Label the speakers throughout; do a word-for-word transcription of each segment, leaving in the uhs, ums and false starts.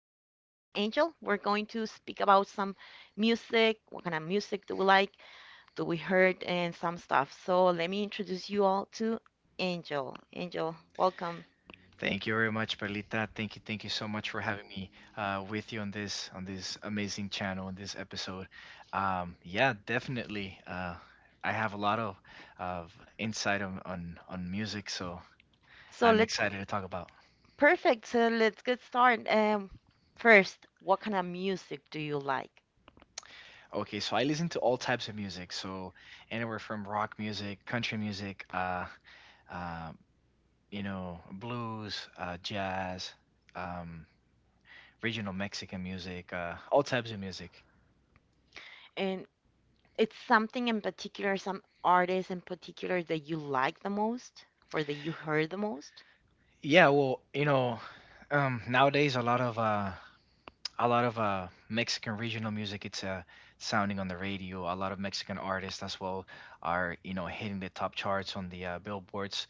Speaker 1: We're going to speak about some music. What kind of music do we like? Do we heard? And some stuff. So, let me introduce you all to Angel. Angel, welcome.
Speaker 2: Thank you very much, Perlita. Thank you, thank you so much for having me uh, with you on this on this amazing channel on this episode. Um, yeah, definitely. Uh, I have a lot of of insight on, on on music, so
Speaker 1: So,
Speaker 2: I'm
Speaker 1: let's
Speaker 2: excited to talk about.
Speaker 1: perfect. So, let's get started. Um, first, what kind of music do you like?
Speaker 2: Okay, so I listen to all types of music, so anywhere from rock music, country music, uh, uh, you know, blues, uh, jazz, um, regional Mexican music, uh, all types of music.
Speaker 1: And it's something in particular, some artist in particular that you like the most or that you heard the most?
Speaker 2: Yeah, well, you know, um, nowadays a lot of uh, a lot of uh, Mexican regional music it's uh, sounding on the radio. A lot of Mexican artists as well are, you know, hitting the top charts on the uh, billboards.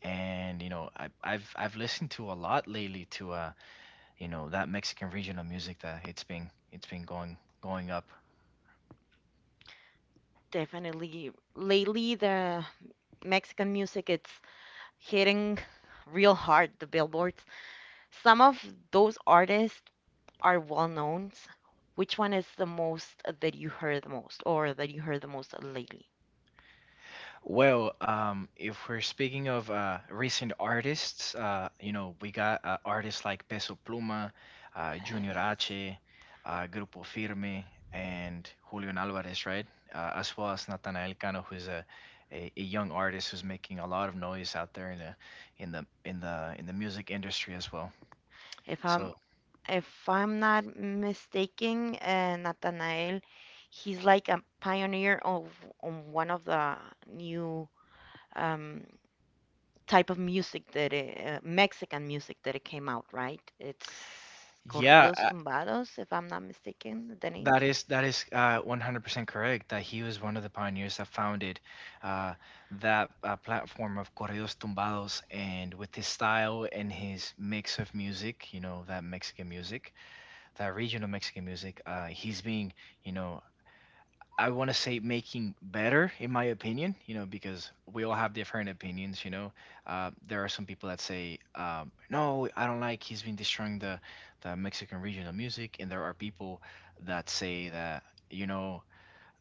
Speaker 2: And you know, I, I've I've listened to a lot lately to uh, you know, that Mexican regional music that it's been it's been going going up.
Speaker 1: Definitely. Lately, the Mexican music, it's hitting real hard, the billboards. Some of those artists are well-known. Which one is the most that you heard the most or that you heard the most lately?
Speaker 2: Well, um, if we're speaking of uh, recent artists, uh, you know, we got uh, artists like Peso Pluma, uh, Junior
Speaker 1: Yes.
Speaker 2: H, uh, Grupo Firme, and Julian Alvarez, right? Uh, as well as Natanael Cano, who's a, a, a young artist who's making a lot of noise out there in the in the in the in the music industry as well.
Speaker 1: If
Speaker 2: So
Speaker 1: I'm if I'm not mistaken, uh, Nathanael, he's like a pioneer of on one of the new um, type of music that it, uh, Mexican music that it came out, right? It's corridos
Speaker 2: yeah,
Speaker 1: tumbados, if I'm not mistaken, the name.
Speaker 2: That is that is uh, one hundred percent correct that he was one of the pioneers that founded uh, that uh, platform of corridos tumbados, and with his style and his mix of music, you know, that Mexican music, that regional Mexican music, uh, he's being, you know, I want to say making better, in my opinion, you know, because we all have different opinions, you know. Uh, there are some people that say, um, no, I don't like, he's been destroying the, the Mexican regional music. And there are people that say that, you know,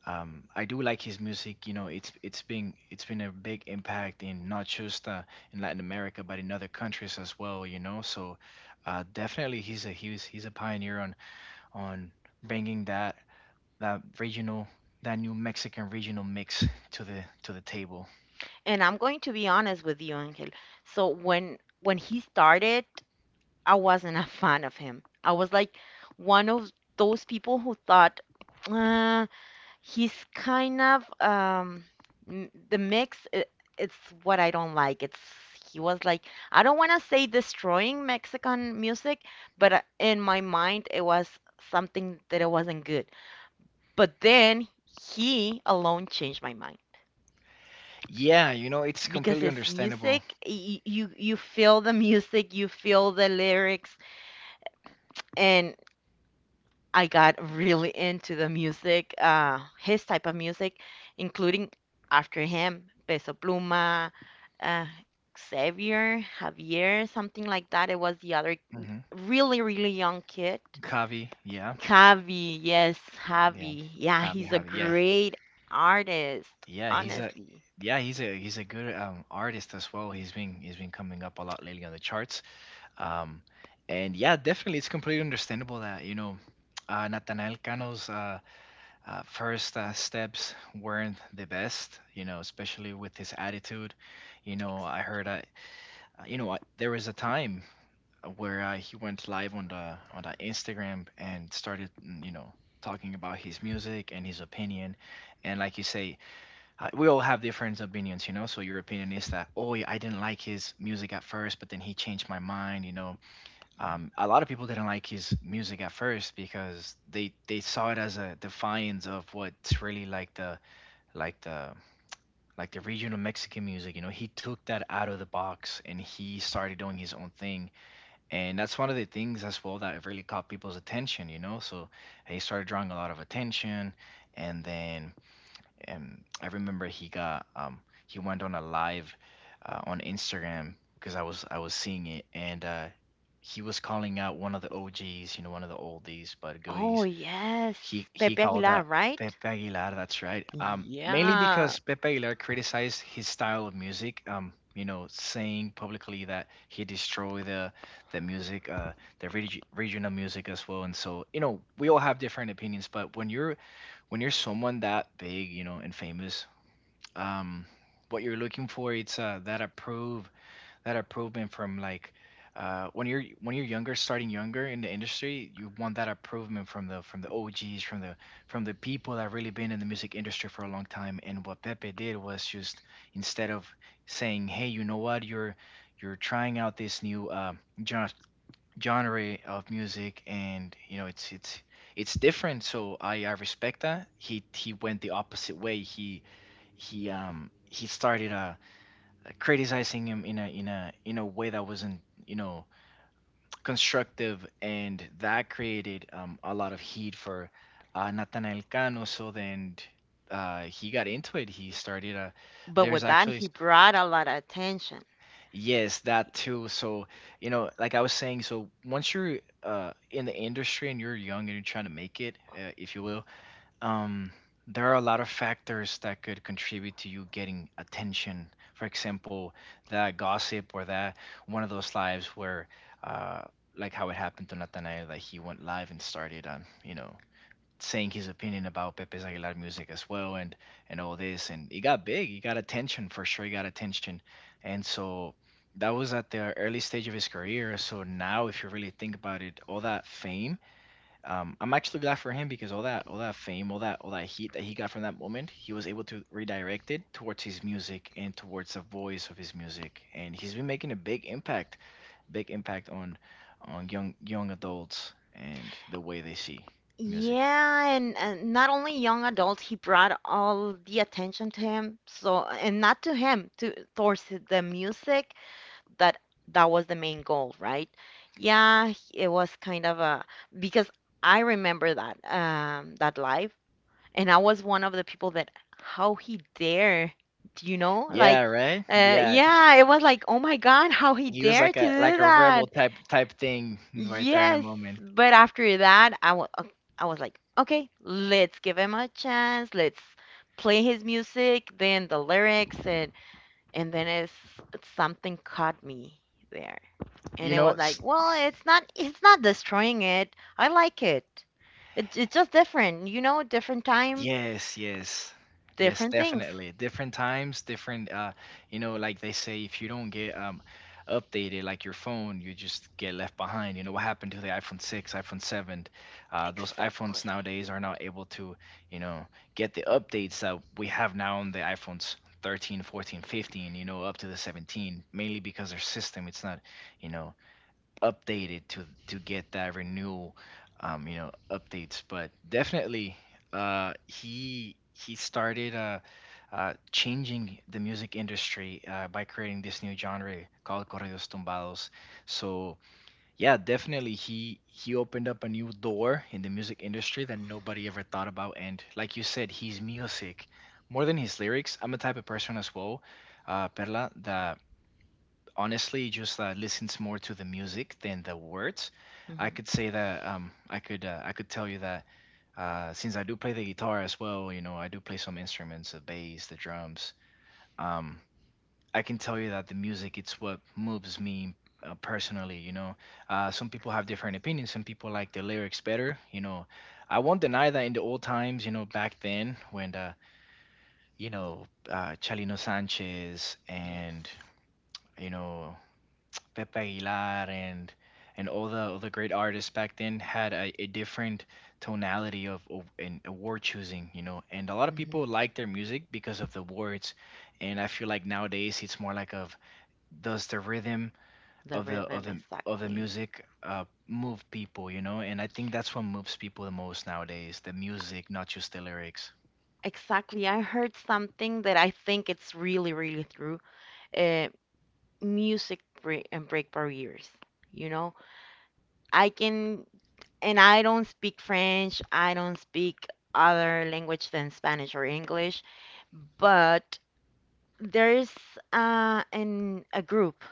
Speaker 2: um, I do like his music. You know, it's it's been it's been a big impact in not just uh, in Latin America, but in other countries as well. You know, so uh, definitely he's a he's he's a pioneer on on bringing that that regional, that new Mexican regional mix to the to the table.
Speaker 1: And I'm going to be honest with you, Angel. So when when he started, I wasn't a fan of him. I was like one of those people who thought. Uh, He's kind of um m- the mix it, it's what I don't like. It's he was like I don't want to say destroying Mexican music, but uh, in my mind it was something that it wasn't good. But then he alone changed my mind
Speaker 2: Yeah, you know, it's
Speaker 1: because
Speaker 2: completely
Speaker 1: his
Speaker 2: understandable.
Speaker 1: music y- y- you you feel the music, you feel the lyrics and I got really into the music, uh, his type of music, including after him, Peso Pluma, uh, Xavier, Javier, something like that. It was the other
Speaker 2: Hmm.
Speaker 1: really, really young kid.
Speaker 2: Javi, yeah,
Speaker 1: Javi, yes,
Speaker 2: yeah,
Speaker 1: Javi. Yeah,
Speaker 2: Javi,
Speaker 1: he's a
Speaker 2: Javi, yeah,
Speaker 1: great artist,
Speaker 2: yeah, he's a
Speaker 1: honestly.
Speaker 2: yeah, he's a he's a good um, artist as well. He's been he's been coming up a lot lately on the charts. Um, and yeah, definitely, it's completely understandable that you know. Uh, Nathanael Cano's uh, uh, first uh, steps weren't the best, you know, especially with his attitude. You know, I
Speaker 1: Exactly.
Speaker 2: heard uh, Uh, you know, I, there was a time where uh, he went live on the on the Instagram and started, mm, you know, talking about his music and his opinion. And like you say, uh, we all have different opinions, you know. So your opinion is that, oh, yeah, I didn't like his music at first, but then he changed my mind, you know.
Speaker 1: Mhm.
Speaker 2: Um, a lot of people didn't like his music at first because they they saw it as a defiance of what's really like the like the like the regional Mexican music. You know, he took that out of the box and he started doing his own thing, and that's one of the things as well that really caught people's attention, you know. So he started drawing a lot of attention, and then um, I remember he got um, he went on a live uh, on Instagram, because i was i was seeing it, and uh, he was calling out one of the OGs, you know, one of the oldies but
Speaker 1: Oh,
Speaker 2: goodies.
Speaker 1: yes.
Speaker 2: He he
Speaker 1: Pepe
Speaker 2: called
Speaker 1: Aguilar,
Speaker 2: out Pepe
Speaker 1: right?
Speaker 2: Aguilar. That's right. Um, mainly
Speaker 1: Yeah.
Speaker 2: because Pepe Aguilar criticized his style of music. Um, you know, saying publicly that he destroyed the the music, uh, the regi- regional music as well. And so, you know, we all have different opinions. But when you're when you're someone that big, you know, and famous, um, what you're looking for it's uh, that approve that approval from like uh, when you're when you're younger, starting younger in the industry, you want that approval from the from the O Gs, from the from the people that really been in the music industry for a long time. And what Pepe did was just instead of saying, "Hey, you know what? You're you're trying out this new uh, gen- genre of music, and you know it's it's it's different." So I I respect that. He he went the opposite way. He he um he started uh criticizing him in a in a in a way that wasn't, you know, constructive, and that created um, a lot of heat for uh, Nathanael Cano. So then uh, he got into it. He started a.
Speaker 1: But
Speaker 2: There's
Speaker 1: with that,
Speaker 2: actually
Speaker 1: he
Speaker 2: s-
Speaker 1: brought a lot of attention.
Speaker 2: yes that too. So you know, like I was saying, so once you're uh, in the industry and you're young and you're trying to make it, uh, if you will, um, there are a lot of factors that could contribute to you getting attention. For example, that gossip or that one of those lives where, uh, like how it happened to Nathanael, like he went live and started, um, you know, saying his opinion about Pepe's Aguilar music as well, and and all this, and he got big, he got attention for sure, he got attention, and so that was at the early stage of his career. So now, if you really think about it, all that fame, um, I'm actually glad for him, because all that all that fame, all that all that heat that he got from that moment, he was able to redirect it towards his music and towards the voice of his music. And he's been making a big impact, big impact on on young young adults and the way they see music.
Speaker 1: Yeah, and, and not only young adults, he brought all the attention to him. So, and not to him, to towards the music. That that was the main goal, right? Yeah, he- it was kind of a because I remember that um that live, and I was one of the people that how he dare, you know, like,
Speaker 2: Yeah, right?
Speaker 1: uh,
Speaker 2: Yeah.
Speaker 1: yeah, it was like, oh my God, how he
Speaker 2: He was
Speaker 1: dare
Speaker 2: like
Speaker 1: to
Speaker 2: a
Speaker 1: do
Speaker 2: like a rebel
Speaker 1: that.
Speaker 2: type type thing right there in the
Speaker 1: Yes,
Speaker 2: moment.
Speaker 1: but after that, I wa- uh, I was like, okay, let's give him a chance. Let's play his music, then the lyrics, and and then it's something caught me there, and
Speaker 2: You
Speaker 1: it
Speaker 2: know,
Speaker 1: was
Speaker 2: s-
Speaker 1: like, well, it's not it's not destroying it. I like it. It it's just different, you know, different time,
Speaker 2: Yes, yes. Yes,
Speaker 1: different things.
Speaker 2: definitely. Different times, different uh you know, like they say, if you don't get um updated like your phone, you just get left behind. You know what happened to the iPhone six, iPhone seven? Uh, those iPhones
Speaker 1: Exactly.
Speaker 2: nowadays are not able to, you know, get the updates that we have now on the iPhones thirteen, fourteen, fifteen, you know, up to the seventeen, mainly because their system it's not, you know, updated to to get that renewal um you know updates. But definitely uh he he started uh uh changing the music industry uh, by creating this new genre called corridos tumbados. So yeah, definitely he he opened up a new door in the music industry that nobody ever thought about. And like you said, his music more than his lyrics, I'm a type of person as well, uh Perla, that honestly just uh, listens more to the music than the words. I
Speaker 1: Hmm.
Speaker 2: could say that um, I could uh, I could tell you that uh, since I do play the guitar as well, you know, I do play some instruments, the bass, the drums. Um, I can tell you that the music it's what moves me uh, personally. You know, uh, some people have different opinions. Some people like the lyrics better. You know, I won't deny that in the old times, you know, back then when the, you know, uh, Chalino Sanchez
Speaker 1: Yes.
Speaker 2: and, you know, Pepe Aguilar and and all the all the great artists back then had a, a different tonality of, of and a word choosing, you know. And a lot of
Speaker 1: Hmm.
Speaker 2: people like their music because of the words. And I feel like nowadays it's more like of, does the rhythm
Speaker 1: The
Speaker 2: of the of
Speaker 1: rhythm,
Speaker 2: the of the
Speaker 1: exactly.
Speaker 2: music uh, move people, you know. And I think that's what moves people the most nowadays, the music, not just the lyrics.
Speaker 1: Exactly. I heard something that I think it's really, really true. Uh, Music break and break barriers. You know, I can, and I don't speak French. I don't speak other language than Spanish or English, but there's uh, an a group,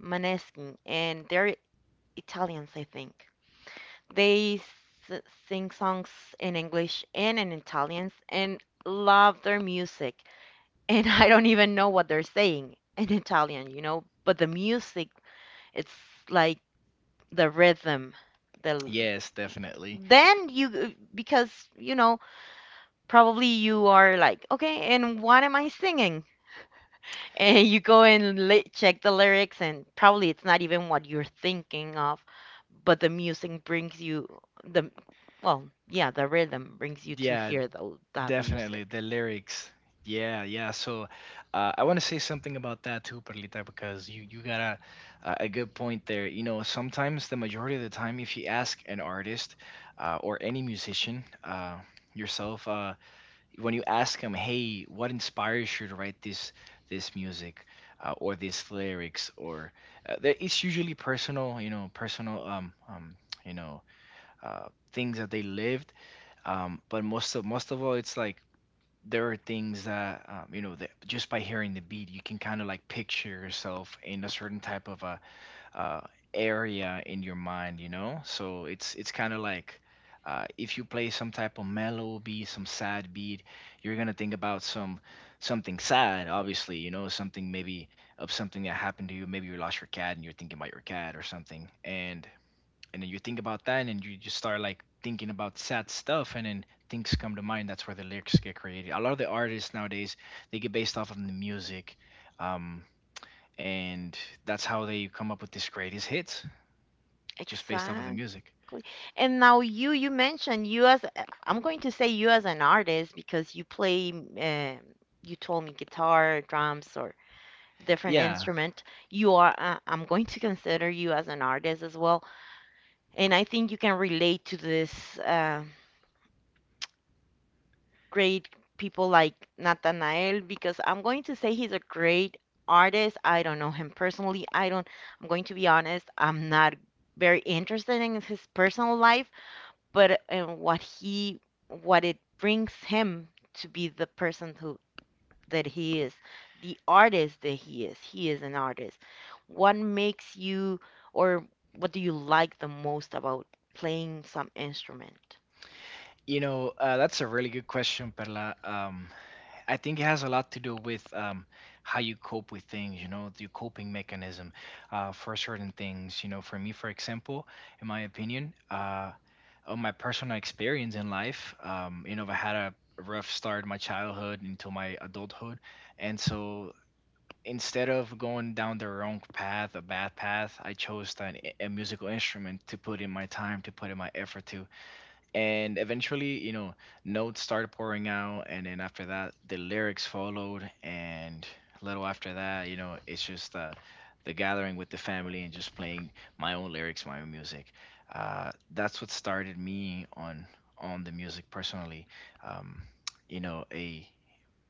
Speaker 1: Maneskin, and they're Italians, I think. They s sing songs in English and in Italians, and love their music. And I don't even know what they're saying in Italian, you know. But the music, it's like the rhythm. The
Speaker 2: Yes, definitely.
Speaker 1: then you because you know probably you are like okay, and what am I singing? And you go and li check the lyrics, and probably it's not even what you're thinking of, but the music brings you the well, yeah, the rhythm brings you to
Speaker 2: Yeah,
Speaker 1: hear those that music.
Speaker 2: definitely the lyrics. Yeah, yeah. So uh, I want to say something about that too, Perlita, because you you got a a a good point there. You know, sometimes the majority of the time, if you ask an artist, uh, or any musician, uh, yourself, uh, when you ask them, "Hey, what inspires you to write this this music, uh, or these lyrics?" or uh, that it's usually personal. You know, personal. Um, um, you know, uh, things that they lived. Um, but most of most of all, it's like there are things that um, you know that just by hearing the beat you can kind of like picture yourself in a certain type of a uh, area in your mind, you know. So it's it's kind of like, uh, if you play some type of mellow beat, some sad beat, you're gonna think about some something sad, obviously. You know, something, maybe of something that happened to you. Maybe you lost your cat and you're thinking about your cat or something. And and then you think about that, and then you just start like thinking about sad stuff, and then things come to mind. That's where the lyrics get created. A lot of the artists nowadays, they get based off of the music, um, and that's how they come up with these greatest hits, just based off of the
Speaker 1: Exactly.
Speaker 2: music.
Speaker 1: And now you you mentioned you as uh, I'm going to say you as an artist because you play um you told me guitar, drums or different
Speaker 2: Yeah.
Speaker 1: instrument. You are uh, I'm going to consider you as an artist as well. And I think you can relate to this uh, great people like Nathanael because I'm going to say he's a great artist. I don't know him personally. I don't I'm going to be honest. I'm not very interested in his personal life but and what he what it brings him to be the person who that he is the artist that he is he is an artist what makes you or what do you like the most about playing some instrument
Speaker 2: You know, uh, that's a really good question, Perla. um, I think it has a lot to do with, um, how you cope with things, you know, the coping mechanism uh, for certain things. You know, for me, for example, in my opinion, uh, on my personal experience in life, um, you know, I had a rough start in my childhood into my adulthood. And so instead of going down the wrong path, a bad path, I chose an, a musical instrument to put in my time, to put in my effort to, and eventually, you know, notes started pouring out, and then after that the lyrics followed. And a little after that, you know, it's just, uh, the gathering with the family and just playing my own lyrics, my own music. Uh, that's what started me on on the music personally. um, you know, a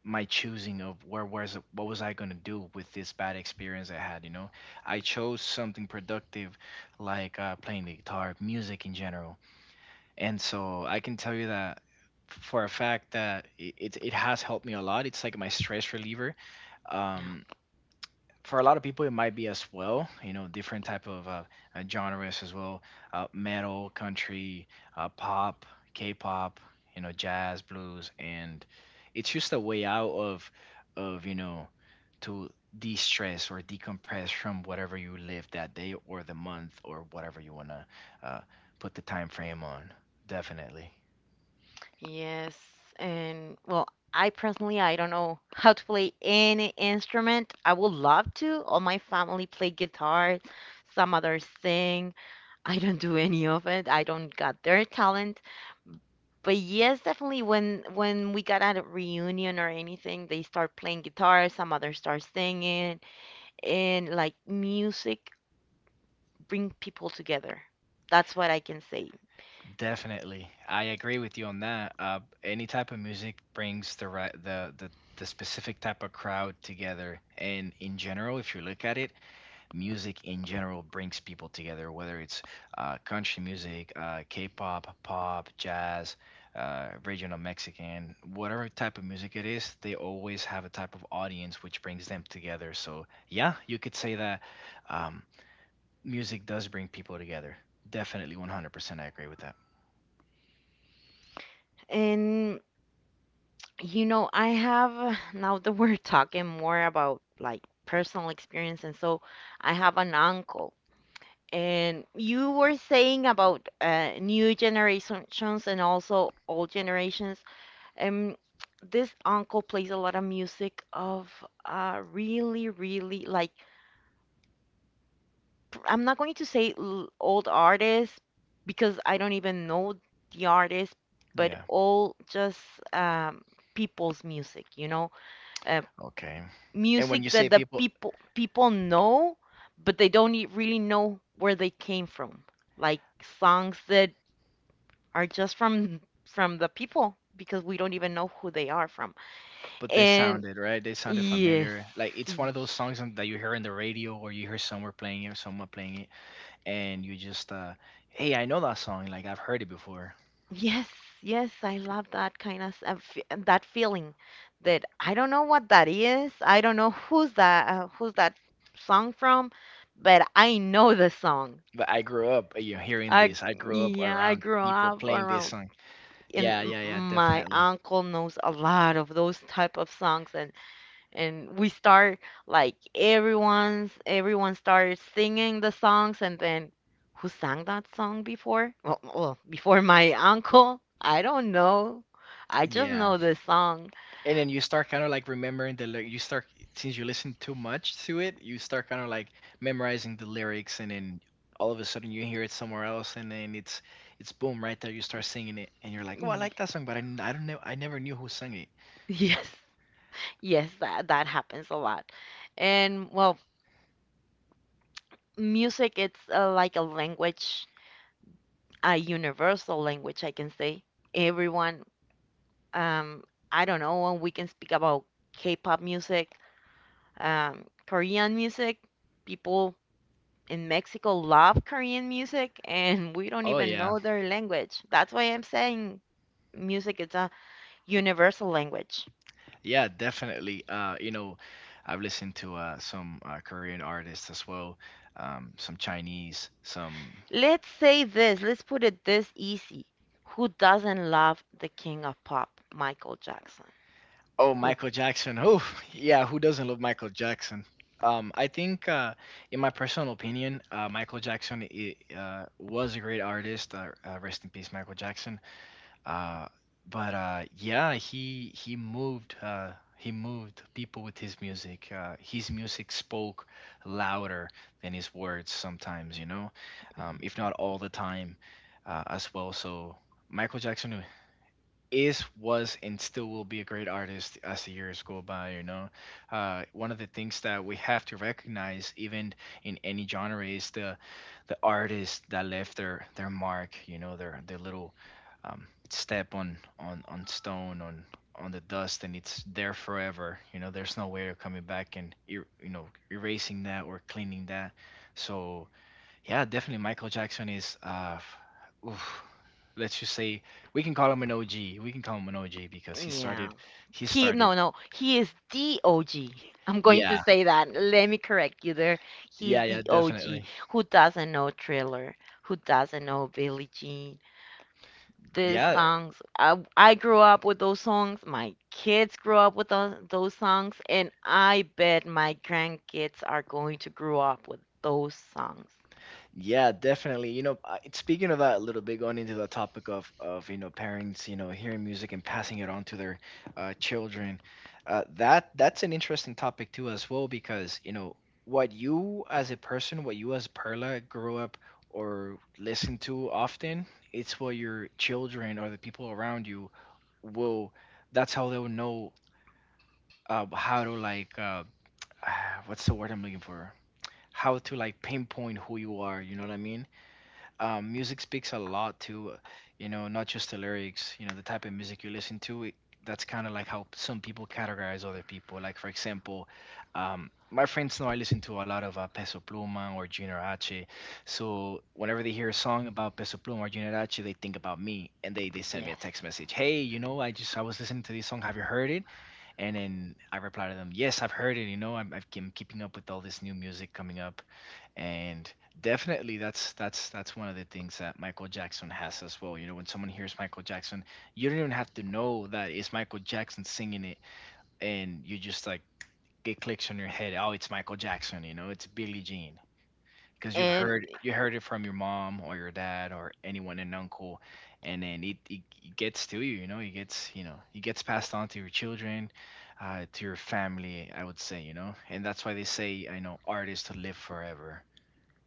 Speaker 2: my choosing of where was, what was I gonna do with this bad experience I had, you know. I chose something productive, like, uh, playing the guitar, music in general. And so I can tell you that for a fact that i- it it has helped me a lot. It's like my stress reliever.
Speaker 1: yeah
Speaker 2: Um, for a lot of people, it might be as well. You know, different type of uh, uh, genres as well: uh, metal, country, uh, pop, K-pop. You know, jazz, blues, and it's just a way out of of you know to de-stress or decompress from whatever you live that day or the month or whatever you wanna uh, put the time frame on. Definitely.
Speaker 1: yes and well I personally I don't know how to play any instrument I would love to all my family play guitar some others sing I don't do any of it I don't got their talent. But yes, definitely when when we got at a reunion or anything, they start playing guitar, some others start singing, and like music bring people together. That's what I can say.
Speaker 2: Definitely. I agree with you on that. Uh, any type of music brings the right the, the the specific type of crowd together. And in general, if you look at it, music in general brings people together, whether it's, uh, country music, uh, K-pop, pop, jazz, uh, regional Mexican, whatever type of music it is, they always have a type of audience which brings them together. So yeah, you could say that, um, music does bring people together. Definitely, one hundred percent I agree with that.
Speaker 1: And you know, I have now that we're talking more about like personal experience, and so I have an uncle. And you were saying about uh, new generations and also old generations. Um, this uncle plays a lot of music of uh, really, really like I'm not going to say l- old artists because I don't even know the artist, but
Speaker 2: Yeah.
Speaker 1: all just um, people's music, you know, uh,
Speaker 2: Okay. And when you
Speaker 1: music
Speaker 2: say
Speaker 1: that the
Speaker 2: people,
Speaker 1: people people know, but they don't e- really know where they came from, like songs that are just from from the people because we don't even know who they are from.
Speaker 2: but they
Speaker 1: And
Speaker 2: sounded right. They sounded
Speaker 1: yes,
Speaker 2: familiar. Like
Speaker 1: y-
Speaker 2: it's one of those songs on- that you hear in the radio or you hear somewhere playing it, or someone playing it, and you just, uh, hey, I know that song. Like I've heard it before.
Speaker 1: yes, yes, I love that kind of s- uh, f- uh, that feeling that I don't know what that is. I don't know who's that uh, who's that song from, but I know the song.
Speaker 2: But I grew up, you know, hearing
Speaker 1: I
Speaker 2: this. I grew up
Speaker 1: yeah, I
Speaker 2: around
Speaker 1: grew
Speaker 2: people
Speaker 1: up
Speaker 2: playing this
Speaker 1: around
Speaker 2: song.
Speaker 1: and
Speaker 2: Yeah,
Speaker 1: m-
Speaker 2: yeah, yeah,
Speaker 1: my
Speaker 2: definitely.
Speaker 1: uncle knows a lot of those type of songs and and we start like everyone's everyone starts singing the songs and then who sang that song before well, well before my uncle I don't know I just
Speaker 2: Yeah.
Speaker 1: know the song.
Speaker 2: And then you start kind of like remembering the lyric. You start, since you listen too much to it, you start kind of like memorizing the lyrics, and then all of a sudden you hear it somewhere else, and then it's it's boom right there. You start singing it, and you're like, oh, I
Speaker 1: Y-
Speaker 2: like that song, but I, n- I don't know, I never knew who sang it.
Speaker 1: yes, yes that, that happens a lot and well music it's uh, like a language a universal language I can say everyone um I don't know we can speak about k-pop music, um, Korean music. People in Mexico love Korean music, and we don't
Speaker 2: Oh
Speaker 1: even
Speaker 2: yeah,
Speaker 1: know their language. That's why I'm saying music is a universal language.
Speaker 2: yeah, definitely. Uh, you know, I've listened to uh some uh, Korean artists as well, um, some Chinese, some.
Speaker 1: Let's say this, let's put it this easy. Who doesn't love the king of pop, Michael Jackson?
Speaker 2: Oh,
Speaker 1: Who?
Speaker 2: Michael Jackson. Oh, yeah. Who doesn't love Michael Jackson? Um, I think, uh, in my personal opinion, uh, Michael Jackson I uh, was a great artist. Uh, uh, rest in peace, Michael Jackson. Uh, but uh, yeah, he he moved, uh, he moved people with his music. Uh, his music spoke louder than his words sometimes, you know, um, if not all the time, uh, as well. So Michael Jackson is was and still will be a great artist as the years go by, you know. Uh, one of the things that we have to recognize even in any genre is the the artist that left their their mark, you know, their their little, um, step on on on stone on on the dust, and it's there forever, you know. There's no way of coming back and er- you know erasing that or cleaning that. So yeah, definitely. Michael Jackson is, uh, f- oof, let's just say we can call him an O G. We can call him an O G because he
Speaker 1: Yeah.
Speaker 2: started, he
Speaker 1: He no
Speaker 2: started.
Speaker 1: no, he is the O G. I'm going to
Speaker 2: Yeah,
Speaker 1: say that. Let me correct you there. He's
Speaker 2: yeah, yeah,
Speaker 1: the O G.
Speaker 2: definitely.
Speaker 1: Who doesn't know Thriller, who doesn't know Billie Jean. These
Speaker 2: Yeah.
Speaker 1: songs, I, I grew up with those songs. My kids grew up with those, those songs, and I bet my grandkids are going to grow up with those songs.
Speaker 2: Yeah, definitely. You know, I- speaking of that a little bit, going into the topic of of you know parents, you know, hearing music and passing it on to their, uh, children, uh, that that's an interesting topic too as well because you know what you as a person, what you as Perla grew up or listen to often, it's what your children or the people around you will. That's how they will know, uh, how to like, uh, what's the word I'm looking for? How to like pinpoint who you are. You know what I mean? Um, music speaks a lot to, uh, you know, not just the lyrics, you know, the type of music you listen to. It, that's kind of like how some people categorize other people. Like, for example, um, my friends know I listen to a lot of uh, Peso Pluma or Junior H. So whenever they hear a song about Peso Pluma or Junior H, they think about me, and they, they send me a
Speaker 1: Yes.
Speaker 2: text message. Hey, you know, I just, I was listening to this song. Have you heard it? And then I reply to them, yes, I've heard it. You know, I'm, I've- I'm keeping up with all this new music coming up. And definitely that's that's that's one of the things that Michael Jackson has as well. You know, when someone hears Michael Jackson, you don't even have to know that it's Michael Jackson singing it, and you just like it clicks in your head, oh, it's Michael Jackson, you know, it's Billie Jean. Because you've
Speaker 1: And
Speaker 2: heard you heard it from your mom or your dad or anyone, an uncle, and then it, it, it gets to you, you know, it gets you know it gets passed on to your children, uh, to your family, I would say, you know, and that's why they say, I know, artists live forever.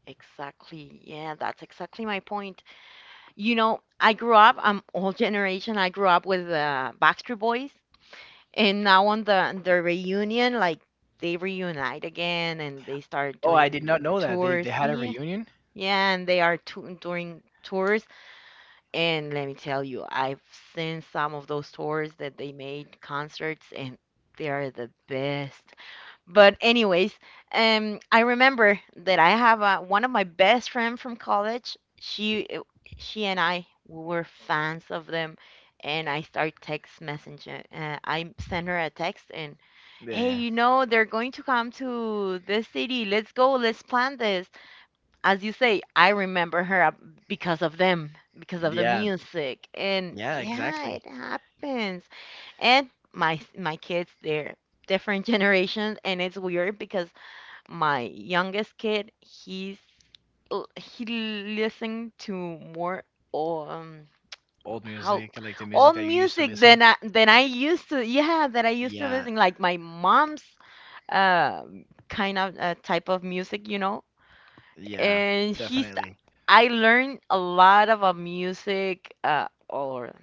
Speaker 1: exactly, yeah, that's exactly my point. You know, I grew up. I'm old generation. I grew up with the Backstreet Boys, and now on the the reunion, like they reunite again, and they start
Speaker 2: Oh, I did not
Speaker 1: doing
Speaker 2: know that. They they
Speaker 1: tours.
Speaker 2: had a
Speaker 1: Yeah,
Speaker 2: reunion?
Speaker 1: yeah, and they are tou- doing tours. And let me tell you, I've seen some of those tours that they made concerts, and they are the best. But anyways, um, I remember that I have a, one of my best friend from college. She she and I were fans of them, and I start text messenger. Uh, I send her a text and hey,
Speaker 2: Yeah.
Speaker 1: you know they're going to come to this city. Let's go. Let's plan this as you say, I remember her uh, because of them, because of the
Speaker 2: Yeah.
Speaker 1: music, and
Speaker 2: Yeah,
Speaker 1: yeah, it
Speaker 2: exactly.
Speaker 1: happens. And my my kids, they're different generations, and it's weird because my youngest kid, he's l- he listened to more um
Speaker 2: Old
Speaker 1: how
Speaker 2: music, like the
Speaker 1: all
Speaker 2: music that you used to
Speaker 1: music
Speaker 2: listen.
Speaker 1: than I than I used to yeah that I used to
Speaker 2: Yeah.
Speaker 1: listen like my mom's uh kind of uh, type of music you know
Speaker 2: Yeah,
Speaker 1: and he
Speaker 2: definitely.
Speaker 1: I learned a lot of uh, music uh, or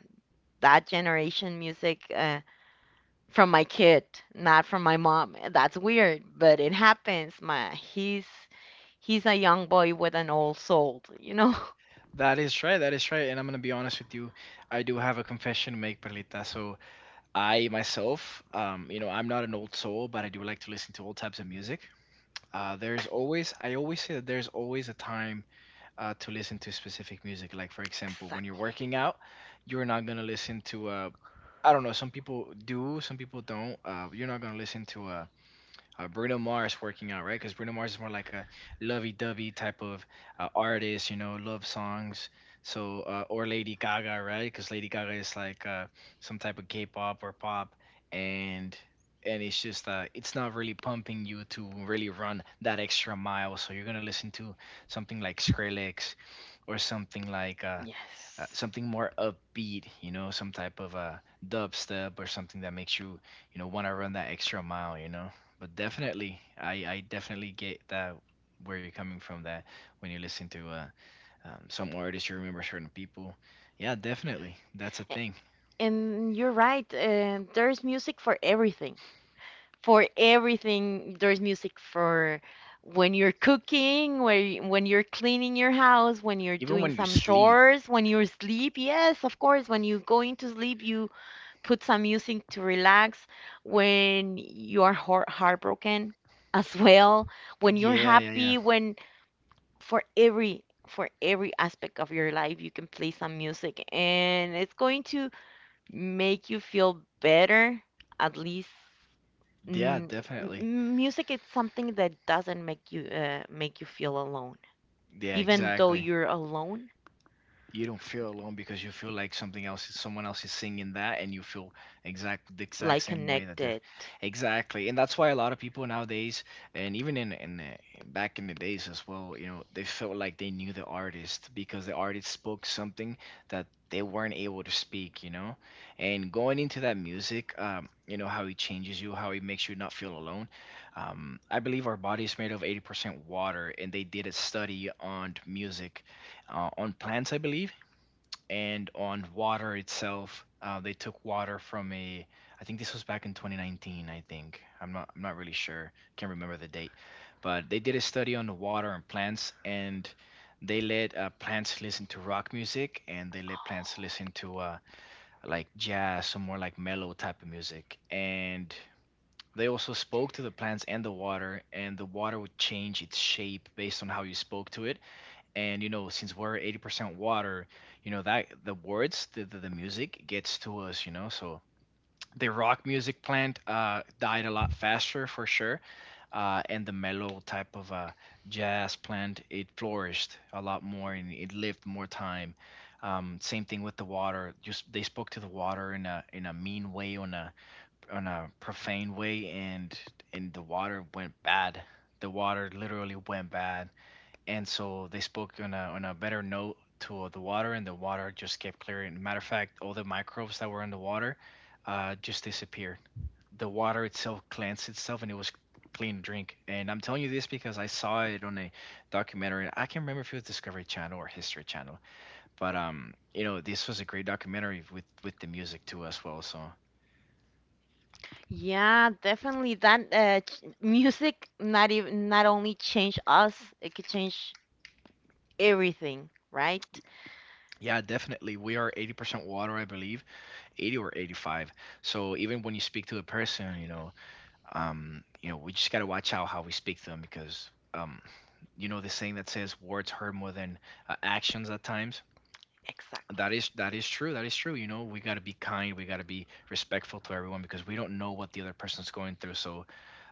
Speaker 1: that generation music uh, from my kid, not from my mom. That's weird, but it happens. My he's he's a young boy with an old soul, you know?
Speaker 2: That is right. That is right. And I'm gonna be honest with you. I do have a confession to make, Perlita. So I myself, um, you know, I'm not an old soul, but I do like to listen to all types of music. Uh, there's always, I always say that there's always a time, uh, to listen to specific music. Like for example, when you're
Speaker 1: Exactly.
Speaker 2: working out, you're not gonna listen to uh, I don't know. Some people do, some people don't. Uh, you're not gonna listen to a uh, Bruno Mars working out, right? Because Bruno Mars is more like a lovey-dovey type of, uh, artist, you know, love songs. So uh, or Lady Gaga, right? Because Lady Gaga is like, uh, some type of K-pop or pop, and and it's just uh, it's not really pumping you to really run that extra mile. So you're gonna listen to something like Skrillex or something like, uh, uh,
Speaker 1: Yes.
Speaker 2: something more upbeat, you know, some type of a dubstep or something that makes you, you know, want to run that extra mile, you know. But definitely, I, I definitely get that where you're coming from. That when you listen to, uh, um, some artists, you remember certain people. Yeah, definitely, that's a
Speaker 1: A-
Speaker 2: thing.
Speaker 1: And you're right. Uh, there's music for everything. For everything there's music for when you're cooking when, when you're cleaning your house when you're
Speaker 2: Even
Speaker 1: doing
Speaker 2: when you
Speaker 1: some
Speaker 2: sleep.
Speaker 1: chores when you're asleep yes of course when you're going to sleep you put some music to relax when you are heart- heartbroken as well when you're
Speaker 2: Yeah, yeah,
Speaker 1: happy
Speaker 2: yeah,
Speaker 1: when for every for every aspect of your life you can play some music and it's going to make you feel better at least.
Speaker 2: yeah,
Speaker 1: Mm,
Speaker 2: definitely.
Speaker 1: m- music is something that doesn't make you uh, make you feel alone,
Speaker 2: Yeah,
Speaker 1: even though
Speaker 2: exactly.
Speaker 1: you're alone,
Speaker 2: You don't feel alone because you feel like something else is, someone else is singing that, and you feel exact the exact
Speaker 1: like
Speaker 2: same way that they're.
Speaker 1: connected.
Speaker 2: Exactly. And that's why a lot of people nowadays and even in in the, back in the days as well, you know, they felt like they knew the artist because the artist spoke something that they weren't able to speak, you know. And going into that music, um, you know, how it changes you, how it makes you not feel alone, um, I believe our body is made of eighty percent water, and they did a study on music, uh, on plants, I believe, and on water itself. Uh, they took water from a. I think this was back in twenty nineteen. I think I'm not. I'm not really sure. Can't remember the date, but they did a study on the water and plants, and they let uh, plants listen to rock music, and they let plants listen to uh, like jazz, some more like mellow type of music, and they also spoke to the plants and the water, and the water would change its shape based on how you spoke to it. And you know, since we're eighty percent water, you know that the words the, the, the music gets to us you know So the rock music plant uh, died a lot faster for sure. Uh, and the mellow type of uh, jazz plant, it flourished a lot more and it lived more time. Um, same thing with the water. Just, they spoke to the water in a in a mean way, on a, on a profane way, and and the water went bad. The water literally went bad. And so they spoke on a on a better note to the water, and the water just kept clearing. Matter of fact, all the microbes that were in the water uh, just disappeared. The water itself cleansed itself, and it was clean drink. And I'm telling you this because I saw it on a documentary. I can't remember if it was Discovery Channel or History Channel, but um, you know, this was a great documentary with with the music too as well. So,
Speaker 1: Yeah, definitely. That uh, ch- music not even not only change us, it could change everything, right?
Speaker 2: yeah, definitely. We are eighty percent water, I believe, eighty or eighty-five. So even when you speak to a person, you know, um, you know, we just got to watch out how we speak to them, because um, you know, the saying that says words hurt more than uh, actions at times.
Speaker 1: Exactly.
Speaker 2: That is that is true. That is true. You know, we got to be kind. We got to be respectful to everyone because we don't know what the other person's going through. So,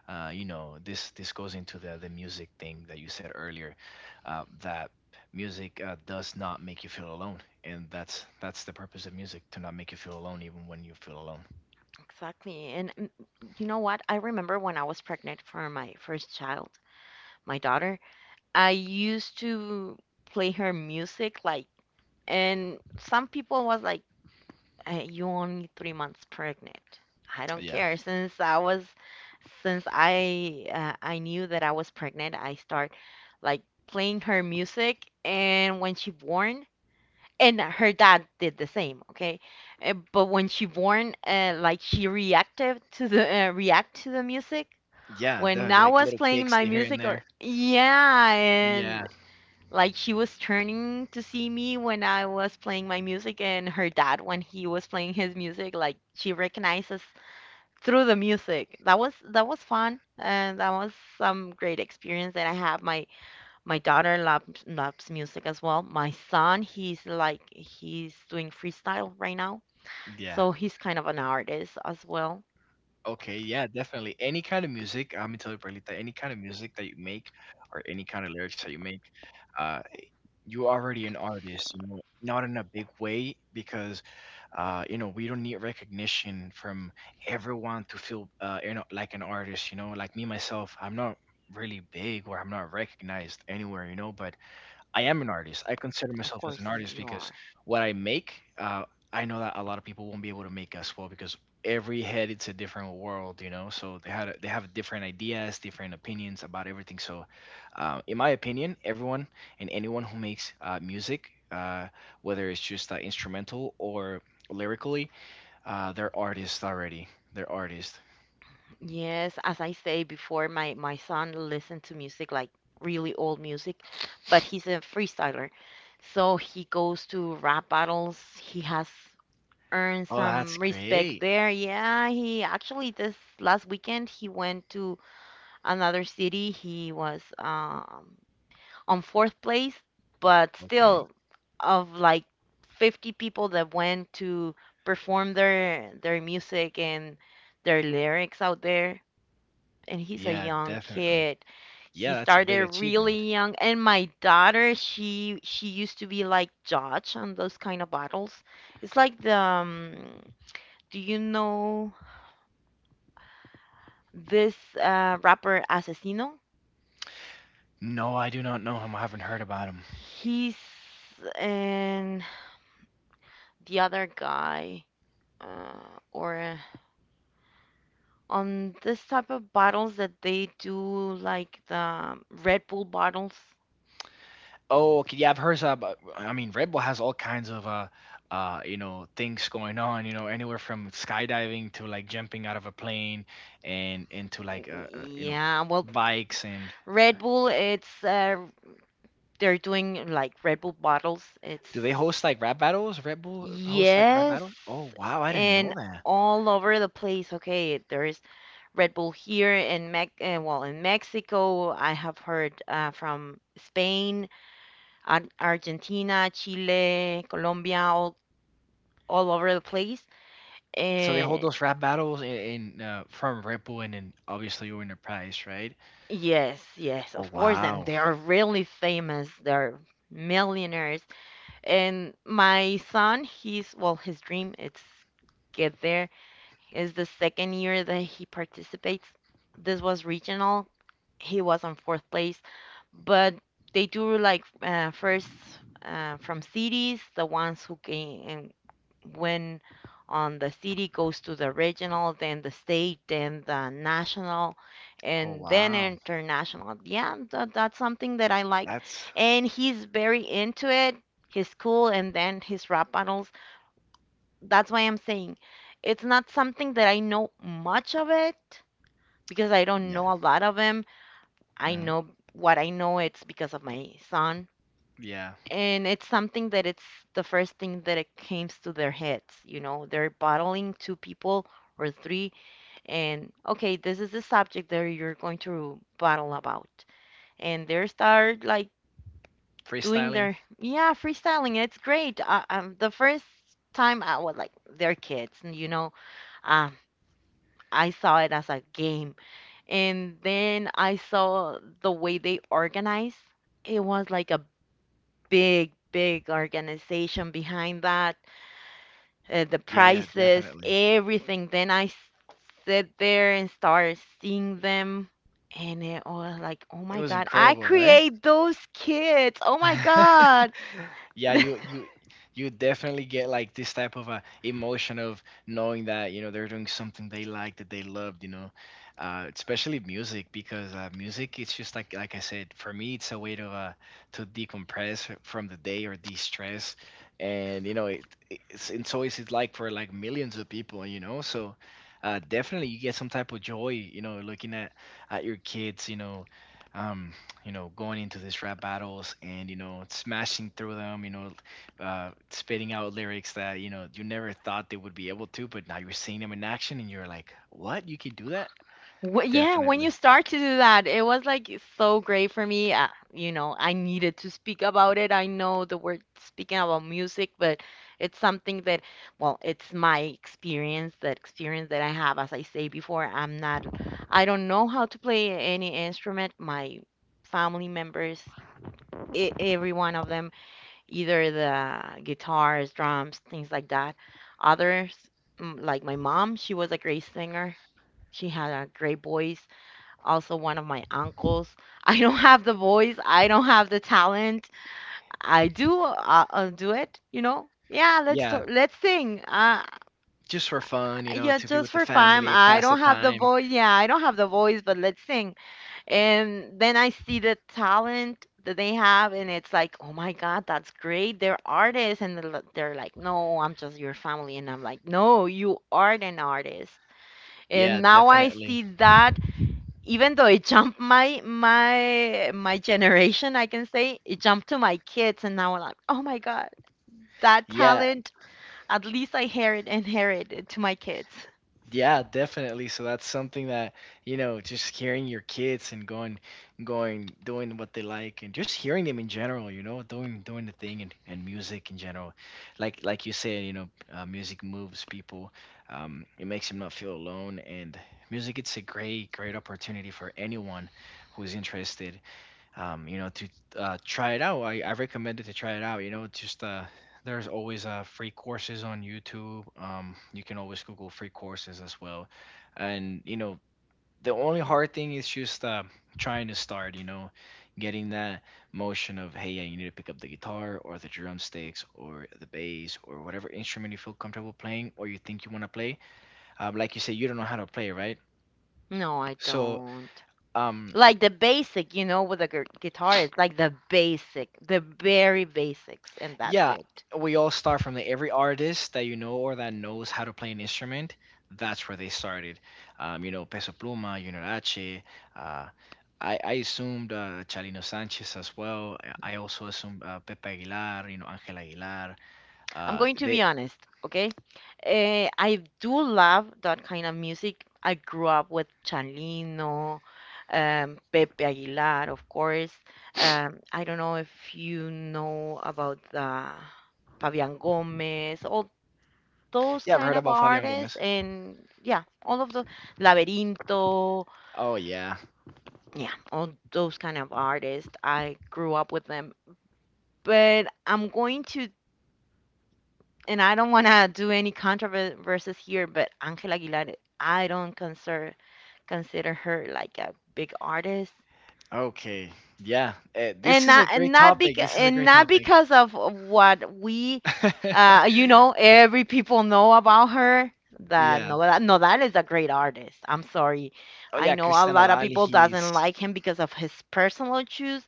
Speaker 2: uh, you know, this this goes into the the music thing that you said earlier, uh, that music uh, does not make you feel alone, and that's that's the purpose of music: to not make you feel alone, even when you feel alone.
Speaker 1: Exactly. And mm, you know what? I remember when I was pregnant for my first child, my daughter, I used to play her music like and some people was like uh, you only three months pregnant. I don't
Speaker 2: Yeah,
Speaker 1: care. Since I was, since I uh, I knew that I was pregnant, I start like playing her music. And when she born, and her dad did the same. Okay. Uh, but when she born, uh, like she reacted to the uh, react to the music.
Speaker 2: yeah,
Speaker 1: When
Speaker 2: the,
Speaker 1: I
Speaker 2: like
Speaker 1: was
Speaker 2: little
Speaker 1: playing
Speaker 2: kicks
Speaker 1: my
Speaker 2: here and
Speaker 1: music, or
Speaker 2: there.
Speaker 1: yeah,
Speaker 2: Yeah.
Speaker 1: and like she was turning to see me when I was playing my music, and her dad when he was playing his music, like she recognizes through the music. That was that was fun, and that was some great experience that I have. My my daughter loves loves music as well. My son, he's like he's doing freestyle right now,
Speaker 2: Yeah.
Speaker 1: so he's kind of an artist as well.
Speaker 2: Okay. Yeah, definitely. Any kind of music, I'm gonna tell you, Perlita, any kind of music that you make or any kind of lyrics that you make, uh, you're already an artist, you know, not in a big way, because uh, you know, we don't need recognition from everyone to feel, uh, you know, like an artist. You know, like me, myself, I'm not really big, or I'm not recognized anywhere, you know, but I am an artist. I consider
Speaker 1: Of
Speaker 2: myself as an
Speaker 1: course,
Speaker 2: artist
Speaker 1: you
Speaker 2: because
Speaker 1: are.
Speaker 2: what I make, uh, I know that a lot of people won't be able to make as well, because every head it's a different world, you know. So they had a, they have different ideas, different opinions about everything. So, uh, in my opinion, everyone and anyone who makes uh, music, uh, whether it's just uh, instrumental or lyrically, uh, they're artists already. They're artists.
Speaker 1: Yes, as I say before, my my son listened to music like really old music, but he's a freestyler. So he goes to rap battles. He has earned
Speaker 2: Oh, that's
Speaker 1: some respect
Speaker 2: great.
Speaker 1: there. Yeah, he actually this last weekend he went to another city. He was um on fourth place, but
Speaker 2: Okay.
Speaker 1: still of like fifty people that went to perform their their music and their lyrics out there, and he's a
Speaker 2: Yeah,
Speaker 1: young
Speaker 2: definitely.
Speaker 1: kid. He
Speaker 2: Yeah, that's a
Speaker 1: started
Speaker 2: big achievement.
Speaker 1: really young, and my daughter, she she used to be like judge on those kind of battles. It's like the um, do you know this uh, rapper Asesino?
Speaker 2: No, I do not know him. I haven't heard about him.
Speaker 1: He's and the other guy, uh, or uh, on this type of bottles that they do, like the Red Bull bottles.
Speaker 2: Oh, okay. Yeah, I've heard about. I mean, Red Bull has all kinds of uh, uh, you know, things going on. You know, anywhere from skydiving to like jumping out of a plane, and into like uh, uh, you know,
Speaker 1: Yeah, well,
Speaker 2: bikes and.
Speaker 1: Red Bull, it's uh, they're doing like Red Bull bottles.
Speaker 2: Do they
Speaker 1: It's
Speaker 2: host like rap battles? Red Bull hosts like rap
Speaker 1: yes,
Speaker 2: battles. Oh wow, I didn't know
Speaker 1: and
Speaker 2: that.
Speaker 1: all over the place. Okay, there is Red Bull here in Mex uh, well in Mexico. I have heard uh, from Spain, Ar- Argentina, Chile, Colombia, all all over the place.
Speaker 2: So they hold
Speaker 1: And
Speaker 2: those rap battles in, in uh, from Red Bull, and then obviously you win a prize, right?
Speaker 1: yes, yes,
Speaker 2: Oh
Speaker 1: of course, and
Speaker 2: wow,
Speaker 1: they are really famous. They're millionaires. And my son, he's well, his dream it's get there. It's the second year that he participates. This was regional. He was on fourth place, but they do like uh, first uh, from cities. The ones who came and win on the city goes to the regional, then the state, then the national,
Speaker 2: oh
Speaker 1: and then
Speaker 2: wow,
Speaker 1: international. Yeah, that, that's something that I like,
Speaker 2: that's
Speaker 1: and he's very into it. His school and then his rap battles, that's why I'm saying it's not something that I know much of it, because I don't
Speaker 2: yeah,
Speaker 1: know a lot of him. I
Speaker 2: hmm
Speaker 1: know what I know it's because of my son.
Speaker 2: yeah,
Speaker 1: And it's something that it's the first thing that it comes to their heads, you know. They're bottling two people or three, and okay, this is the subject that you're going to battle about. And they start like doing
Speaker 2: freestyling.
Speaker 1: their, yeah, freestyling. It's great. I, I, the first time I was like, they're kids, you know. Uh, I saw it as a game. And then I saw the way they organize. It was like a big, big organization behind that, uh, the
Speaker 2: Yeah, yeah,
Speaker 1: prices,
Speaker 2: definitely.
Speaker 1: everything. Then I s- sit there and started seeing them. And it was like, oh
Speaker 2: It
Speaker 1: my
Speaker 2: was
Speaker 1: God, I
Speaker 2: incredible, right?
Speaker 1: create those kids. Oh my God.
Speaker 2: Yeah, you you you definitely get like this type of a emotion of knowing that, you know, they're doing something they like, that they loved, you know. Uh, especially music, because uh, music, it's just like like I said, for me it's a way to uh, to decompress from the day or de-stress. And you know, it it's and so is it, like, for like millions of people, you know. So uh, definitely you get some type of joy, you know, looking at at your kids, you know, um you know, going into these rap battles and, you know, smashing through them, you know, uh, spitting out lyrics that you know you never thought they would be able to, but now you're seeing them in action and you're like, what? You can do that?
Speaker 1: Wh- yeah, when
Speaker 2: Definitely.
Speaker 1: you start to do that, it was like so great for me. Uh, you know, I needed to speak about it. I know the word speaking about music, but it's something that, well, it's my experience, that experience that I have. As I say before, I'm not, I don't know how to play any instrument. My family members, e- every one of them, either the guitars, drums, things like that. Others, mm, like my mom, she was a great singer. She had a great voice, also one of my uncles. I don't have the voice, I don't have the talent. I do uh, uh, do it, you know. Yeah, let's
Speaker 2: Yeah,
Speaker 1: so- let's sing. Uh,
Speaker 2: just for fun, you know,
Speaker 1: yeah,
Speaker 2: to be
Speaker 1: just
Speaker 2: with the
Speaker 1: for fun.
Speaker 2: family,
Speaker 1: I
Speaker 2: pass the
Speaker 1: don't have the
Speaker 2: time.
Speaker 1: voice. Yeah, I don't have the voice, but let's sing. And then I see the talent that they have, and it's like, oh my God, that's great. They're artists, and they're li- they're like, no, I'm just your family, and I'm like, no, you are an artist. And
Speaker 2: Yeah,
Speaker 1: now I
Speaker 2: definitely.
Speaker 1: see that even though it jumped my my my generation, I can say it jumped to my kids, and now I'm like, oh my God, that
Speaker 2: Yeah,
Speaker 1: talent. At least I inherit inherited to my kids.
Speaker 2: yeah, definitely. So that's something that, you know, just hearing your kids and going going doing what they like and just hearing them in general, you know, doing doing the thing and, and music in general. Like like you said, you know, uh, music moves people. Um, it makes them not feel alone. And music, it's a great great opportunity for anyone who's interested, um, you know, to uh, try it out. I, I recommend it. To try it out, you know, just uh, there's always uh, free courses on YouTube. Um, you can always Google free courses as well. And you know, the only hard thing is just uh, trying to start. You know, getting that motion of hey, yeah, you need to pick up the guitar or the drumsticks or the bass or whatever instrument you feel comfortable playing or you think you want to play. Um, like you said, you don't know how to play, right?
Speaker 1: No, I
Speaker 2: So
Speaker 1: don't.
Speaker 2: um,
Speaker 1: Like the basic, you know, with a guitar, it's like the basic, the very basics, and that's
Speaker 2: yeah,
Speaker 1: it.
Speaker 2: we all start from the, every artist that you know or that knows how to play an instrument. That's where they started. Um, you know, Peso Pluma, Junior H. Uh, I, I assumed uh, Chalino Sanchez as well. I I also assumed uh, Pepe Aguilar, you know, Angel Aguilar.
Speaker 1: I'm
Speaker 2: Uh,
Speaker 1: going to
Speaker 2: they,
Speaker 1: be honest, okay? Uh, I do love that kind of music. I grew up with Chalino, um, Pepe Aguilar, of course. Um, I don't know if you know about uh, Fabian Gomez, all those
Speaker 2: yeah, I've
Speaker 1: kind
Speaker 2: heard
Speaker 1: of
Speaker 2: about Fabian
Speaker 1: artists,
Speaker 2: Gomez.
Speaker 1: and yeah, all of the Laberinto,
Speaker 2: Oh, yeah.
Speaker 1: yeah, all those kind of artists. I grew up with them. But I'm going to, and I don't want to do any controversies here, but Angela Aguilar, I don't consider consider her like a big artist,
Speaker 2: Okay. Yeah. Uh,
Speaker 1: and
Speaker 2: this is
Speaker 1: not
Speaker 2: a
Speaker 1: and
Speaker 2: great
Speaker 1: not
Speaker 2: topic.
Speaker 1: beca-
Speaker 2: This is a
Speaker 1: and
Speaker 2: great
Speaker 1: not
Speaker 2: topic.
Speaker 1: because of what we, uh, you know, every people know about her. That
Speaker 2: Yeah.
Speaker 1: no, that no, that is a great artist. I'm sorry,
Speaker 2: Oh,
Speaker 1: I
Speaker 2: yeah.
Speaker 1: know a
Speaker 2: Cristiano
Speaker 1: lot of
Speaker 2: Dali,
Speaker 1: people doesn't
Speaker 2: he's
Speaker 1: like him because of his personal choice,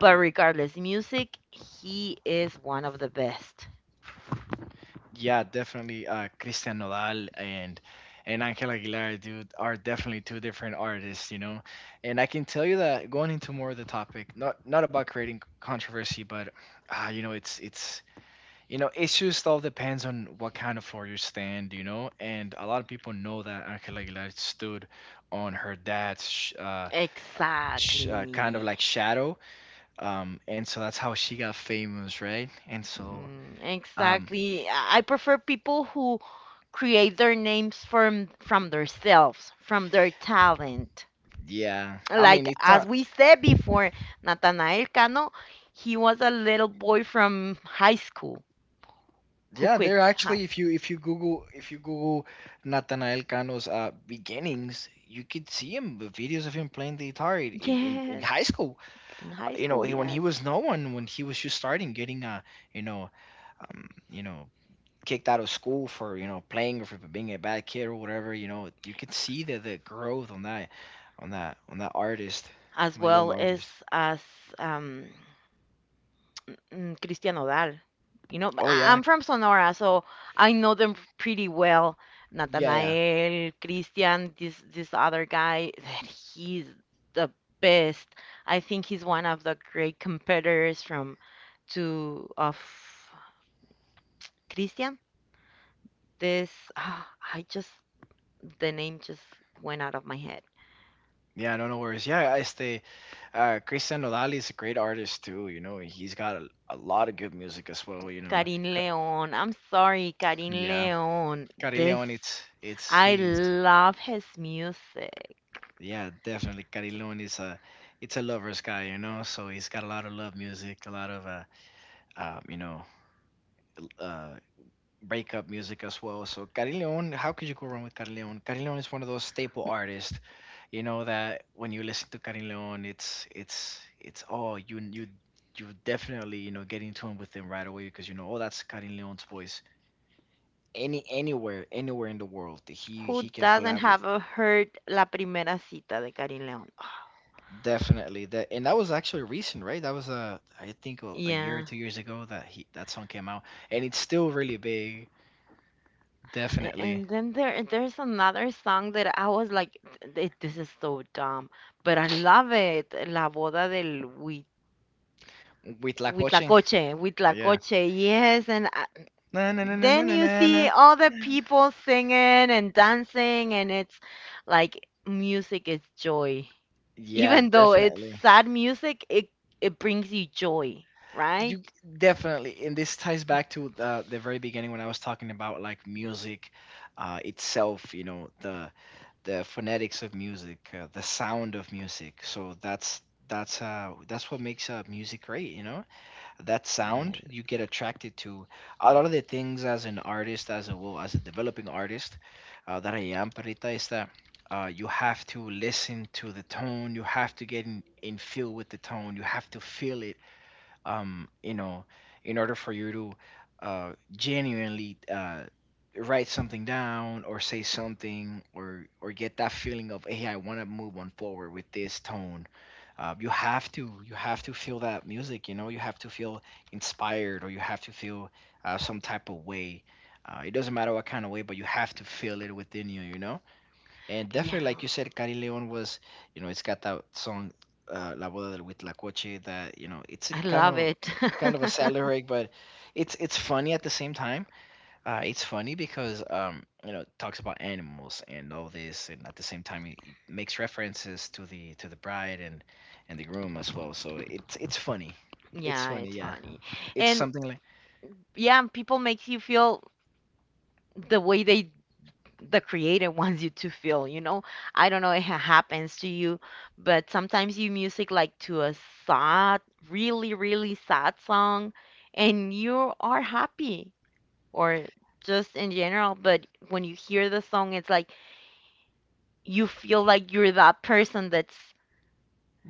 Speaker 1: but regardless, music, he is one of the best.
Speaker 2: yeah, definitely. Uh, Christian Nodal and and Angel Aguilar, dude, are definitely two different artists, you know. And I can tell you that going into more of the topic, not not about creating c- controversy, but uh, you know, it's it's you know, it just all depends on what kind of floor you stand, you know. And a lot of people know that Angel Aguilar stood on her dad's sh- uh, sh- uh, kind of
Speaker 1: Exactly.
Speaker 2: like shadow, um, and so that's how she got famous, right? And so,
Speaker 1: Mm,
Speaker 2: um,
Speaker 1: exactly. I I prefer people who create their names from from themselves, from their talent.
Speaker 2: yeah, I
Speaker 1: Like
Speaker 2: mean, it's
Speaker 1: as
Speaker 2: not.
Speaker 1: we said before, Nathanael Cano, he was a little boy from high school who
Speaker 2: Yeah,
Speaker 1: quit
Speaker 2: they're
Speaker 1: high.
Speaker 2: actually, if you if you Google, if you Google Nathanael Cano's uh, beginnings, you could see him the videos of him playing the guitar in, in, in in
Speaker 1: Yes,
Speaker 2: high school.
Speaker 1: in
Speaker 2: Uh,
Speaker 1: high
Speaker 2: You know,
Speaker 1: school,
Speaker 2: when he
Speaker 1: yes.
Speaker 2: was no one, when he was just starting, getting uh you know, um, you know, kicked out of school for you know playing or for being a bad kid or whatever. You know, you could see the the growth on that on that on that artist,
Speaker 1: As
Speaker 2: on that young
Speaker 1: well
Speaker 2: artist.
Speaker 1: as as um mm, Christian Odal. You know,
Speaker 2: Oh
Speaker 1: I-
Speaker 2: yeah,
Speaker 1: I'm from Sonora, so I know them pretty well.
Speaker 2: yeah, yeah.
Speaker 1: Nathanael, Christian, this this other guy, he's the best. I think he's one of the great competitors from to of Christian. This ah, I just the name just went out of my head.
Speaker 2: Yeah, no, no worries. Yeah, este, uh, Christian Nodal is a great artist too. You know, he's got a, a lot of good music as well. You know,
Speaker 1: Karin
Speaker 2: Ca-
Speaker 1: Leon. I'm sorry, Karin
Speaker 2: yeah,
Speaker 1: Leon.
Speaker 2: Cari
Speaker 1: This
Speaker 2: León, it's it's
Speaker 1: I
Speaker 2: he's
Speaker 1: love his music.
Speaker 2: yeah, definitely Cari León is a it's a lover's guy. You know, so he's got a lot of love music, a lot of uh, uh you know, uh, breakup music as well. So Carillon, how could you go wrong with Carillon? Carillon is one of those staple artists, you know, that when you listen to Carillon, it's it's it's oh you you you definitely, you know, get in tune with him right away because you know, oh, that's Carillon's voice. Any anywhere anywhere in the world that he he
Speaker 1: Who
Speaker 2: can
Speaker 1: doesn't
Speaker 2: collab with.
Speaker 1: have a heard La Primera Cita de Karin Leon?
Speaker 2: Definitely that, and that was actually recent, right? That was uh, I think a, a year or
Speaker 1: Yeah.
Speaker 2: two years ago that he that song came out, and it's still really big.
Speaker 1: A-
Speaker 2: Definitely
Speaker 1: And then there there's another song that I was like, "Th- this is so dumb, but I love it. La boda del Huit-
Speaker 2: with La Coche.
Speaker 1: Huitlacoche,"
Speaker 2: Yeah.
Speaker 1: Huitlacoche, yes. And I,
Speaker 2: Na na na na na
Speaker 1: then
Speaker 2: na
Speaker 1: you
Speaker 2: na. Na.
Speaker 1: see all the people singing and dancing, and it's like music is joy.
Speaker 2: Yeah,
Speaker 1: Even though it's
Speaker 2: definitely.
Speaker 1: sad music, it it brings you joy,
Speaker 2: You
Speaker 1: right?
Speaker 2: definitely, and this ties back to the, the very beginning when I was talking about like music uh, itself. You know, the the phonetics of music, uh, the sound of music. So that's that's uh that's what makes uh music great. You know. That sound
Speaker 1: Yes.
Speaker 2: you get attracted to a lot of the things as an artist as a well as a developing artist uh, that I am parita is that uh, you have to listen to the tone, you have to get in, in feel with the tone, you have to feel it, um, you know, in order for you to uh, genuinely uh, write something down or say something or or get that feeling of hey, I want to move on forward with this tone. Uh, you have to you have to feel that music. You know, you have to feel inspired, or you have to feel uh, some type of way. Uh, it doesn't matter what kind of way, but you have to feel it within you. You know. And
Speaker 1: Yeah.
Speaker 2: definitely, like you said, Cari Leon was, you know, it's got that song, uh, La Boda del Huitlacoche, that, you know, it's a
Speaker 1: I
Speaker 2: kind
Speaker 1: love
Speaker 2: of
Speaker 1: it.
Speaker 2: kind of a sad lyric, but it's it's funny at the same time. Uh, it's funny because um, you know, it talks about animals and all this, and at the same time, it, it makes references to the to the bride and and the groom as well. So it's it's funny. It's
Speaker 1: Yeah,
Speaker 2: funny,
Speaker 1: it's
Speaker 2: yeah.
Speaker 1: funny.
Speaker 2: It's
Speaker 1: And
Speaker 2: something like
Speaker 1: yeah, people make you feel the way they, the creator, wants you to feel, you know? I don't know if it happens to you, but sometimes you music like to a sad, really, really sad song and you are happy or just in general, but when you hear the song it's like you feel like you're that person that's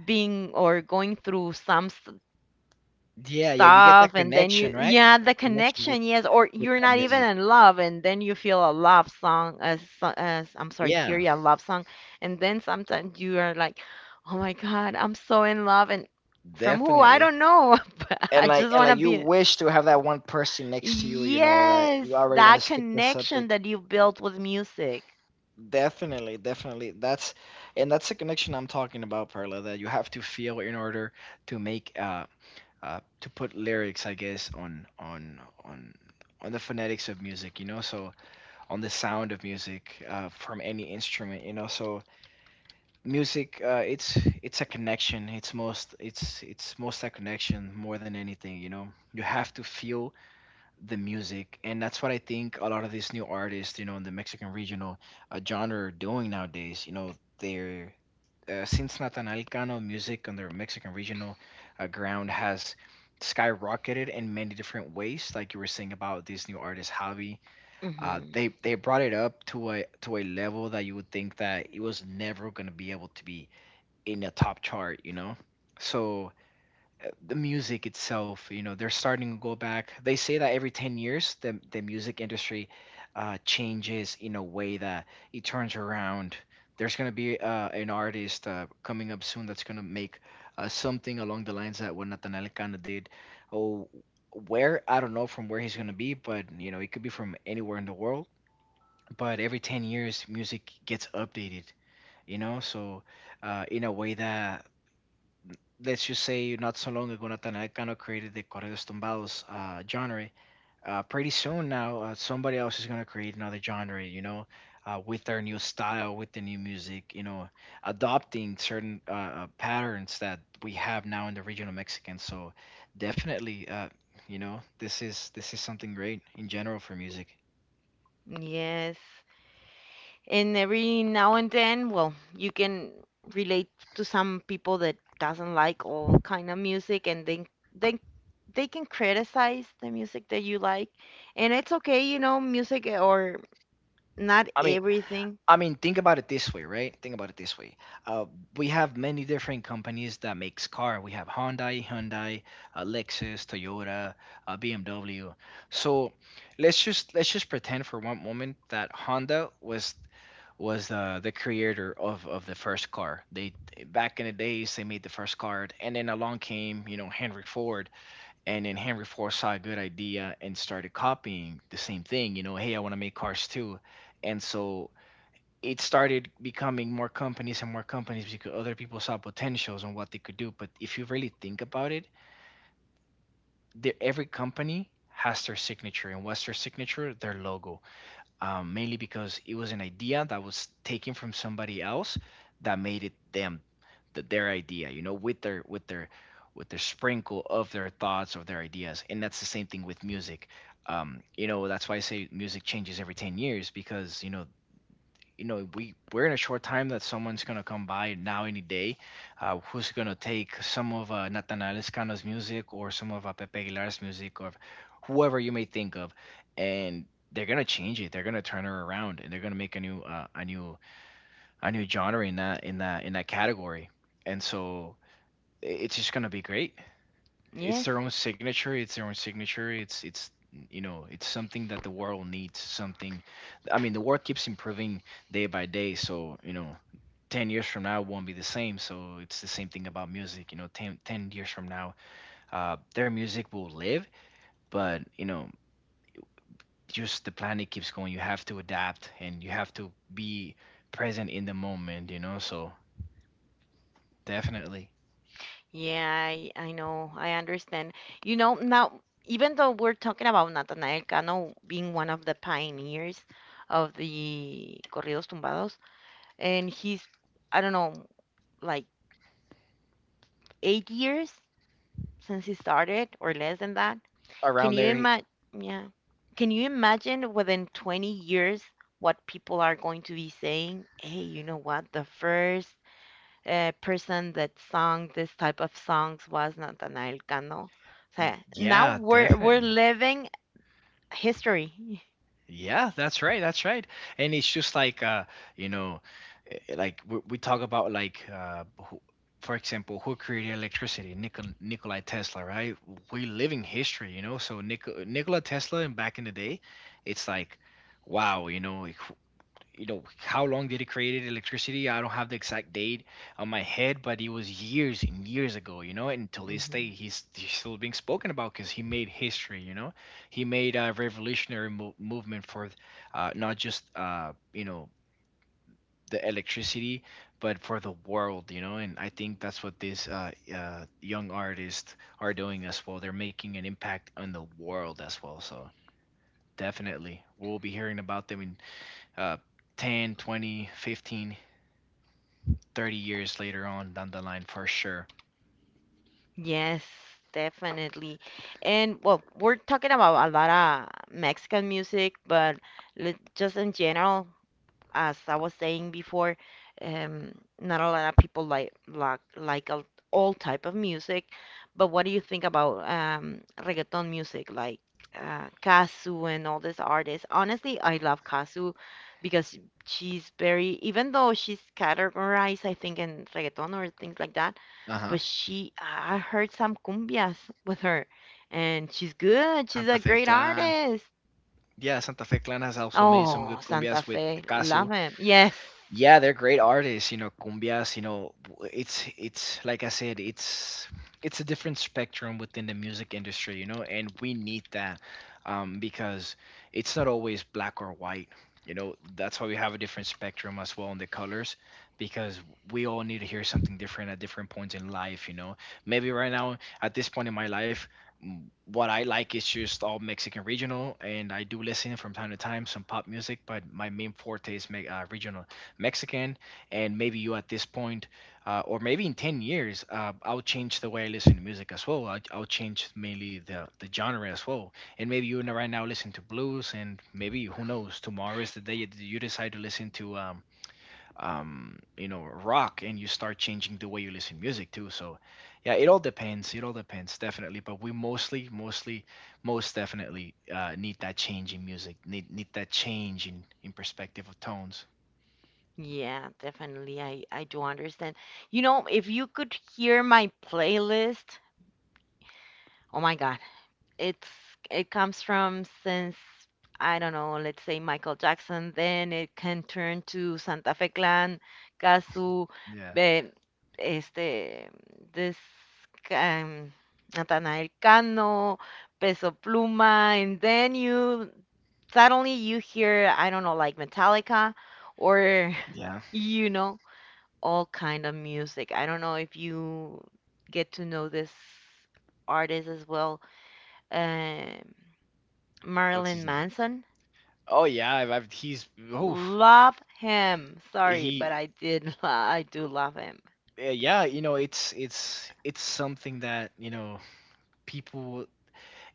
Speaker 1: being or going through some s-
Speaker 2: yeah, yeah. You get
Speaker 1: stuff,
Speaker 2: that
Speaker 1: and then
Speaker 2: connection,
Speaker 1: you,
Speaker 2: right?
Speaker 1: yeah, the
Speaker 2: That connection with
Speaker 1: connection, yes, or
Speaker 2: with
Speaker 1: you're
Speaker 2: that
Speaker 1: not even
Speaker 2: music.
Speaker 1: in love and then you feel a love song as, as I'm sorry hear
Speaker 2: Yeah,
Speaker 1: a love song, and then sometimes you are like, oh my God, I'm so in love, and from who I
Speaker 2: definitely.
Speaker 1: don't know, but
Speaker 2: and
Speaker 1: I
Speaker 2: like
Speaker 1: just
Speaker 2: and
Speaker 1: want
Speaker 2: like
Speaker 1: to
Speaker 2: you
Speaker 1: be,
Speaker 2: wish to have that one person next to you, you know that
Speaker 1: yes,
Speaker 2: you already want to
Speaker 1: that
Speaker 2: skip the
Speaker 1: connection
Speaker 2: subject.
Speaker 1: that you built with music.
Speaker 2: Definitely definitely that's And that's the connection I'm talking about, Perla, that you have to feel in order to make uh, uh to put lyrics, I guess, on on on on the phonetics of music, you know so, on the sound of music, uh, from any instrument, you know so music, uh, it's it's a connection. It's most it's it's most a connection, more than anything, you know you have to feel the music, and that's what I think a lot of these new artists, you know in the Mexican regional uh, genre are doing nowadays. You know they're uh, since Natanael Cano, music on the Mexican regional uh, ground has skyrocketed in many different ways, like you were saying about this new artist, Javi. uh,
Speaker 1: Hmm.
Speaker 2: they they brought it up to a to a level that you would think that it was never going to be able to be in a top chart, you know so, uh, the music itself, you know, they're starting to go back. They say that every 10 years, the, the music industry uh, changes in a way that it turns around. There's going to be uh, an artist uh, coming up soon that's going to make uh, something along the lines that what Nathaniel Cano did. Oh, where? I don't know from where he's going to be, but, you know, it could be from anywhere in the world. But every 10 years, music gets updated, you know, so, uh, in a way that, let's just say, not so long ago, Natanael Cano created the Corridos Tumbados uh, genre. Uh, pretty soon now, uh, somebody else is going to create another genre, you know, uh, with their new style, with the new music, you know, adopting certain uh, uh, patterns that we have now in the regional Mexican. So definitely, uh, you know, this is this is something great in general for music.
Speaker 1: Yes, and every now and then, well, you can relate to some people that doesn't like all kind of music, and then they they can criticize the music that you like, and it's okay, you know. Music or not
Speaker 2: I mean.
Speaker 1: everything.
Speaker 2: I mean, think about it this way, right? Think about it this way. Uh, we have many different companies that makes car. We have Hyundai, Hyundai, uh, Lexus, Toyota, uh, B M W. So let's just let's just pretend for one moment that Honda was was the the creator of of the first car. They, back in the days, they made the first car, and then along came, you know Henry Ford, and then Henry Ford saw a good idea and started copying the same thing. You know, hey, I want to make cars too, and so it started becoming more companies and more companies because other people saw potentials on what they could do. But if you really think about it, the, every company has their signature, and what's their signature? Their logo, um, mainly because it was an idea that was taken from somebody else that made it them, that their idea, you know, with their with their with their sprinkle of their thoughts of their ideas, and that's the same thing with music. Um, you know, that's why I say music changes every ten years, because you know you know, we we're in a short time that someone's gonna come by now, any day, uh, who's gonna take some of uh, Natanael Escano's music, or some of uh, Pepe Aguilar's music, or whoever you may think of, and they're gonna change it. They're gonna turn her around, and they're gonna make a new uh, a new a new genre in that in that in that category. And so i- it's just gonna be great. It's
Speaker 1: Yes.
Speaker 2: their own signature. It's their own signature. It's it's you know it's something that the world needs. Something, I mean, the world keeps improving day by day. So, you know, ten years from now won't be the same. So it's the same thing about music. You know, ten ten years from now, uh, their music will live, but, you know, just the planet keeps going. You have to adapt and you have to be present in the moment. You know, so definitely.
Speaker 1: Yeah, i i know, I understand. You know, now even though we're talking about Natanael Cano being one of the pioneers of the corridos tumbados, and he's, I don't know, like eight years since he started or less than that. Can
Speaker 2: Around
Speaker 1: you
Speaker 2: there.
Speaker 1: imagine? Yeah. Can you imagine within twenty years what people are going to be saying? Hey, you know what? The first uh, person that sung this type of songs was Nathaniel Cano. So now
Speaker 2: Yeah,
Speaker 1: we're we're
Speaker 2: definitely.
Speaker 1: living history.
Speaker 2: Yeah, that's right. That's right. And it's just like uh, you know, eh, eh, like we, we talk about, like, uh, who, for example, who created electricity? Nikol Nikolai Tesla, right? We live in history, you know. So Nikol Nikola Tesla, and back in the day, it's like, wow, you know, you know how long did it created electricity, I don't have the exact date on my head, but it was years and years ago, you know, and till this day,
Speaker 1: Hmm.
Speaker 2: he's, he's still being spoken about because he made history, you know. He made a revolutionary mo- movement for, uh, not just, uh, you know the electricity, but for the world, you know. And I think that's what these uh, uh, young artists are doing as well. They're making an impact on the world as well. So definitely we'll be hearing about them in uh, ten, twenty, fifteen, thirty years later on down the line for sure.
Speaker 1: Yes, definitely. And well, we're talking about a lot of Mexican music, but li- just in general, as I was saying before, um, not a lot of people like like like all, all type of music. But what do you think about um, reggaeton music, like uh, Casu and all these artists? Honestly, I love Casu because she's very, even though she's categorized, I think, in reggaeton or things like that,
Speaker 2: Uh huh.
Speaker 1: but she, I heard some cumbias with her, and she's good. She's
Speaker 2: Santa
Speaker 1: a
Speaker 2: Fe
Speaker 1: great
Speaker 2: Clan.
Speaker 1: artist.
Speaker 2: Yeah, Santa Fe Clan has also made some
Speaker 1: Oh,
Speaker 2: good
Speaker 1: Santa
Speaker 2: cumbias with
Speaker 1: Fe,
Speaker 2: Casu.
Speaker 1: love him. Yes.
Speaker 2: Yeah, they're great artists, you know cumbias, you know w- it's it's like I said, it's it's a different spectrum within the music industry, you know and we need that, um because it's not always black or white, you know that's why we have a different spectrum as well in the colors, because we all need to hear something different at different points in life, you know. Maybe right now, at this point in my life, m- what I like is just all Mexican regional, and I do listen from time to time some pop music, but my main forte is me- uh, regional Mexican, and maybe you, at this point, uh, or maybe in ten years, uh, I'll change the way I listen to music as well. I'll, I'll change mainly the the genre as well, and maybe you, n- right now listen to blues, and maybe, who knows, tomorrow is the day that you decide to listen to, um, um, you know rock, and you start changing the way you listen to music too. So, yeah, it all depends. It all depends, definitely, but we mostly, mostly, most definitely uh, need that change in music. Need need that change in, in perspective of tones.
Speaker 1: Yeah, definitely. I, I do understand. You know, if you could hear my playlist, oh my God, it's it comes from since I don't know, let's say Michael Jackson, then it can turn to Santa Fe Clan, Casu,
Speaker 2: Yeah.
Speaker 1: eh, este, this um, Natanael Cano, Peso Pluma, and then you suddenly you hear, I don't know, like Metallica or
Speaker 2: Yeah.
Speaker 1: you know, all kind of music. I don't know if you get to know this artist as well, um,
Speaker 2: What's
Speaker 1: Marilyn
Speaker 2: his name?
Speaker 1: Manson.
Speaker 2: Oh yeah, I've, I've he's oof.
Speaker 1: Love him. Sorry, but
Speaker 2: he
Speaker 1: I did. lo- I do love him.
Speaker 2: uh, yeah, you know, it's it's it's something that you know people,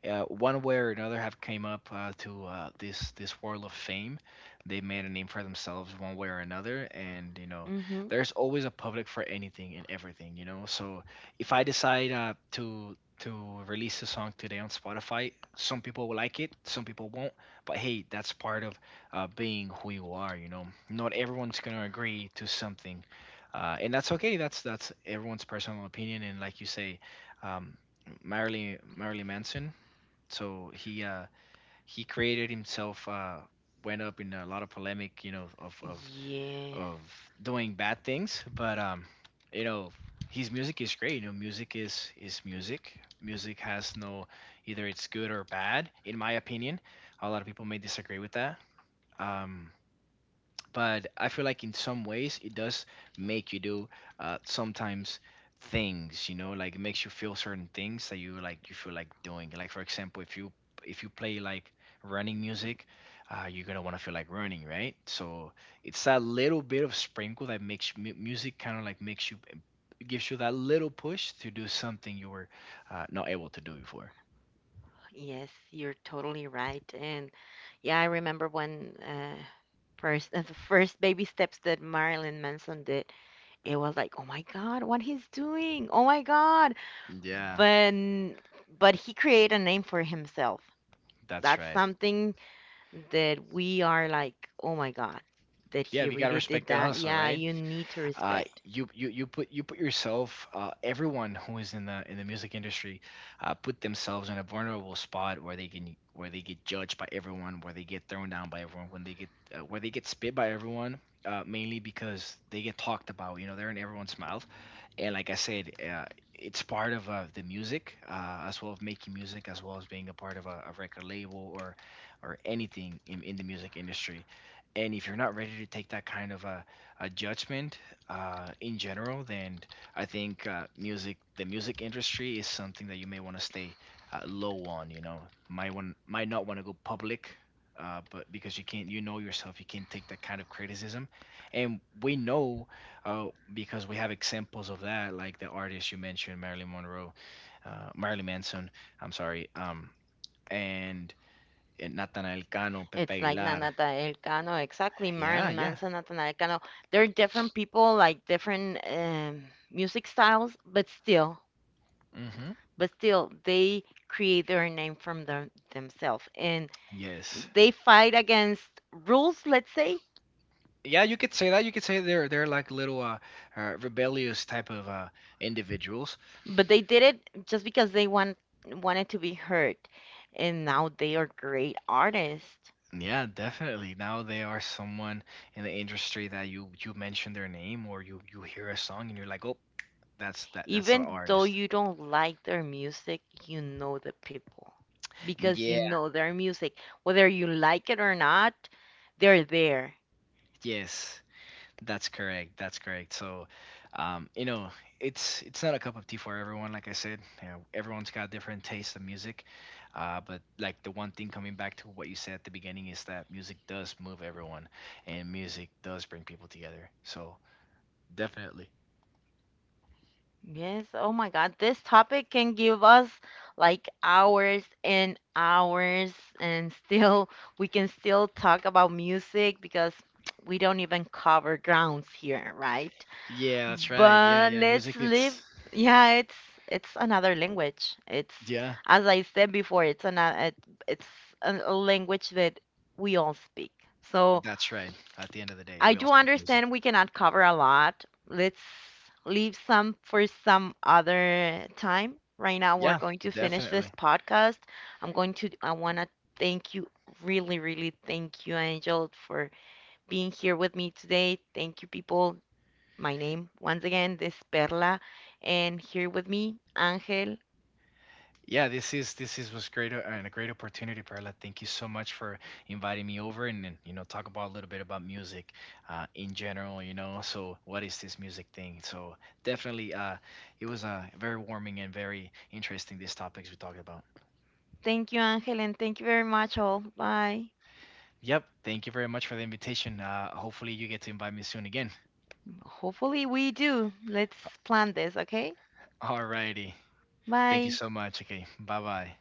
Speaker 2: uh, one way or another, have came up uh, to, uh, this this world of fame. They made a name for themselves one way or another, and, you know,
Speaker 1: Hmm.
Speaker 2: there's always a public for anything and everything. You know, so if I decide, uh, to to release a song today on Spotify, some people will like it, some people won't. But hey, that's part of, uh, being who you are. You know, not everyone's gonna agree to something. Uh, and that's okay. That's that's everyone's personal opinion. And like you say, um, Marilyn Marilyn Manson, so he, uh he created himself, uh went up in a lot of polemic, you know of of
Speaker 1: Yes,
Speaker 2: of doing bad things, but, um you know his music is great. You know, music is is music. Music has no, either it's good or bad, in my opinion. A lot of people may disagree with that, um but I feel like in some ways it does make you do, uh, sometimes, things, you know, like it makes you feel certain things that you, like, you feel like doing. Like, for example, if you if you play like running music, uh, you're gonna want to feel like running, right? So, it's that little bit of sprinkle that makes mu- music kind of like makes you, gives you that little push to do something you were, uh, not able to do before.
Speaker 1: yes, you're totally right. And yeah, I remember when uh, first uh, the first baby steps that Marilyn Manson did, it was like, oh my God, what he's doing! Oh my God.
Speaker 2: Yeah,
Speaker 1: But but he created a name for himself.
Speaker 2: that's
Speaker 1: That's
Speaker 2: right.
Speaker 1: something that we are like, oh my God, that
Speaker 2: Yeah,
Speaker 1: he
Speaker 2: you gotta
Speaker 1: really did
Speaker 2: respect the
Speaker 1: that.
Speaker 2: hustle,
Speaker 1: Yeah,
Speaker 2: right?
Speaker 1: you need to
Speaker 2: uh,
Speaker 1: respect.
Speaker 2: you you you put you put yourself, uh, everyone who is in the in the music industry, uh, put themselves in a vulnerable spot where they can where they get judged by everyone, where they get thrown down by everyone, when they get uh, where they get spit by everyone, uh, mainly because they get talked about, you know they're in everyone's mouth. And like I said, uh, it's part of, uh, the music, uh, as well as making music, as well as being a part of, a, a record label, or or anything in, in the music industry. And if you're not ready to take that kind of, a, a judgment, uh, in general, then I think, uh, music, the music industry, is something that you may want to stay, uh, low on. You know, might want, might not want to go public, uh, but because you can't, you know yourself, you can't take that kind of criticism, and we know, uh, because we have examples of that, like the artist you mentioned, Marilyn Monroe, uh, Marilyn Manson. I'm sorry, um, and, and Nathaniel Cano, Pepe
Speaker 1: It's like
Speaker 2: Aguilar.
Speaker 1: Na- Cano, exactly.
Speaker 2: Yeah,
Speaker 1: Marilyn
Speaker 2: yeah.
Speaker 1: Manson, Nathaniel Cano. They're different people, like different um, music styles, but still,
Speaker 2: Hmm.
Speaker 1: but still, they create their name from them, themselves, and
Speaker 2: Yes.
Speaker 1: they fight against rules, let's say.
Speaker 2: Yeah, you could say that. You could say they're they're like little uh, uh rebellious type of uh individuals.
Speaker 1: But they did it just because they want wanted to be heard, and now they are great artists.
Speaker 2: Yeah, definitely. Now they are someone in the industry that you you mention their name, or you you hear a song, and you're like, "Oh, that's that that's an
Speaker 1: Even though
Speaker 2: artist."
Speaker 1: you don't like their music, you know the people because
Speaker 2: Yeah,
Speaker 1: you know their music. Whether you like it or not, they're there.
Speaker 2: yes. That's correct. That's correct. So, um, you know, it's it's not a cup of tea for everyone. Like I said, you know, everyone's got different taste of music. Uh, but, like, the one thing coming back to what you said at the beginning is that music does move everyone, and music does bring people together. So definitely.
Speaker 1: Yes, oh my God, this topic can give us like hours and hours, and still we can still talk about music because we don't even cover grounds here, right?
Speaker 2: Yeah, that's right. Yeah,
Speaker 1: But
Speaker 2: yeah.
Speaker 1: let's
Speaker 2: Music.
Speaker 1: leave.
Speaker 2: It's
Speaker 1: Yeah, it's it's another language. It's,
Speaker 2: Yeah.
Speaker 1: as I said before, it's another it, it's a, a language that we all speak. So
Speaker 2: That's right. At the end of the day, we
Speaker 1: I
Speaker 2: all
Speaker 1: do
Speaker 2: speak music.
Speaker 1: understand we cannot cover a lot. Let's leave some for some other time. Right now,
Speaker 2: Yeah,
Speaker 1: we're going to finish this
Speaker 2: definitely.
Speaker 1: podcast. I'm going to I want to thank you, really, really thank you, Angel, for being here with me today. Thank you, people, my name. Once again, this is Perla, and here with me, Angel.
Speaker 2: Yeah, this is this is was great, uh, and a great opportunity, Perla. Thank you so much for inviting me over, and, and you know talk about a little bit about music uh, in general. You know, so what is this music thing? So definitely, uh, it was uh, very warming and very interesting, these topics we talked about.
Speaker 1: Thank you, Angel, and thank you very much, all. Bye.
Speaker 2: Yep, thank you very much for the invitation. Uh, hopefully, you get to invite me soon again.
Speaker 1: Hopefully, we do. Let's plan this, okay?
Speaker 2: Alrighty, thank you
Speaker 1: Bye.
Speaker 2: so much. Okay, bye bye.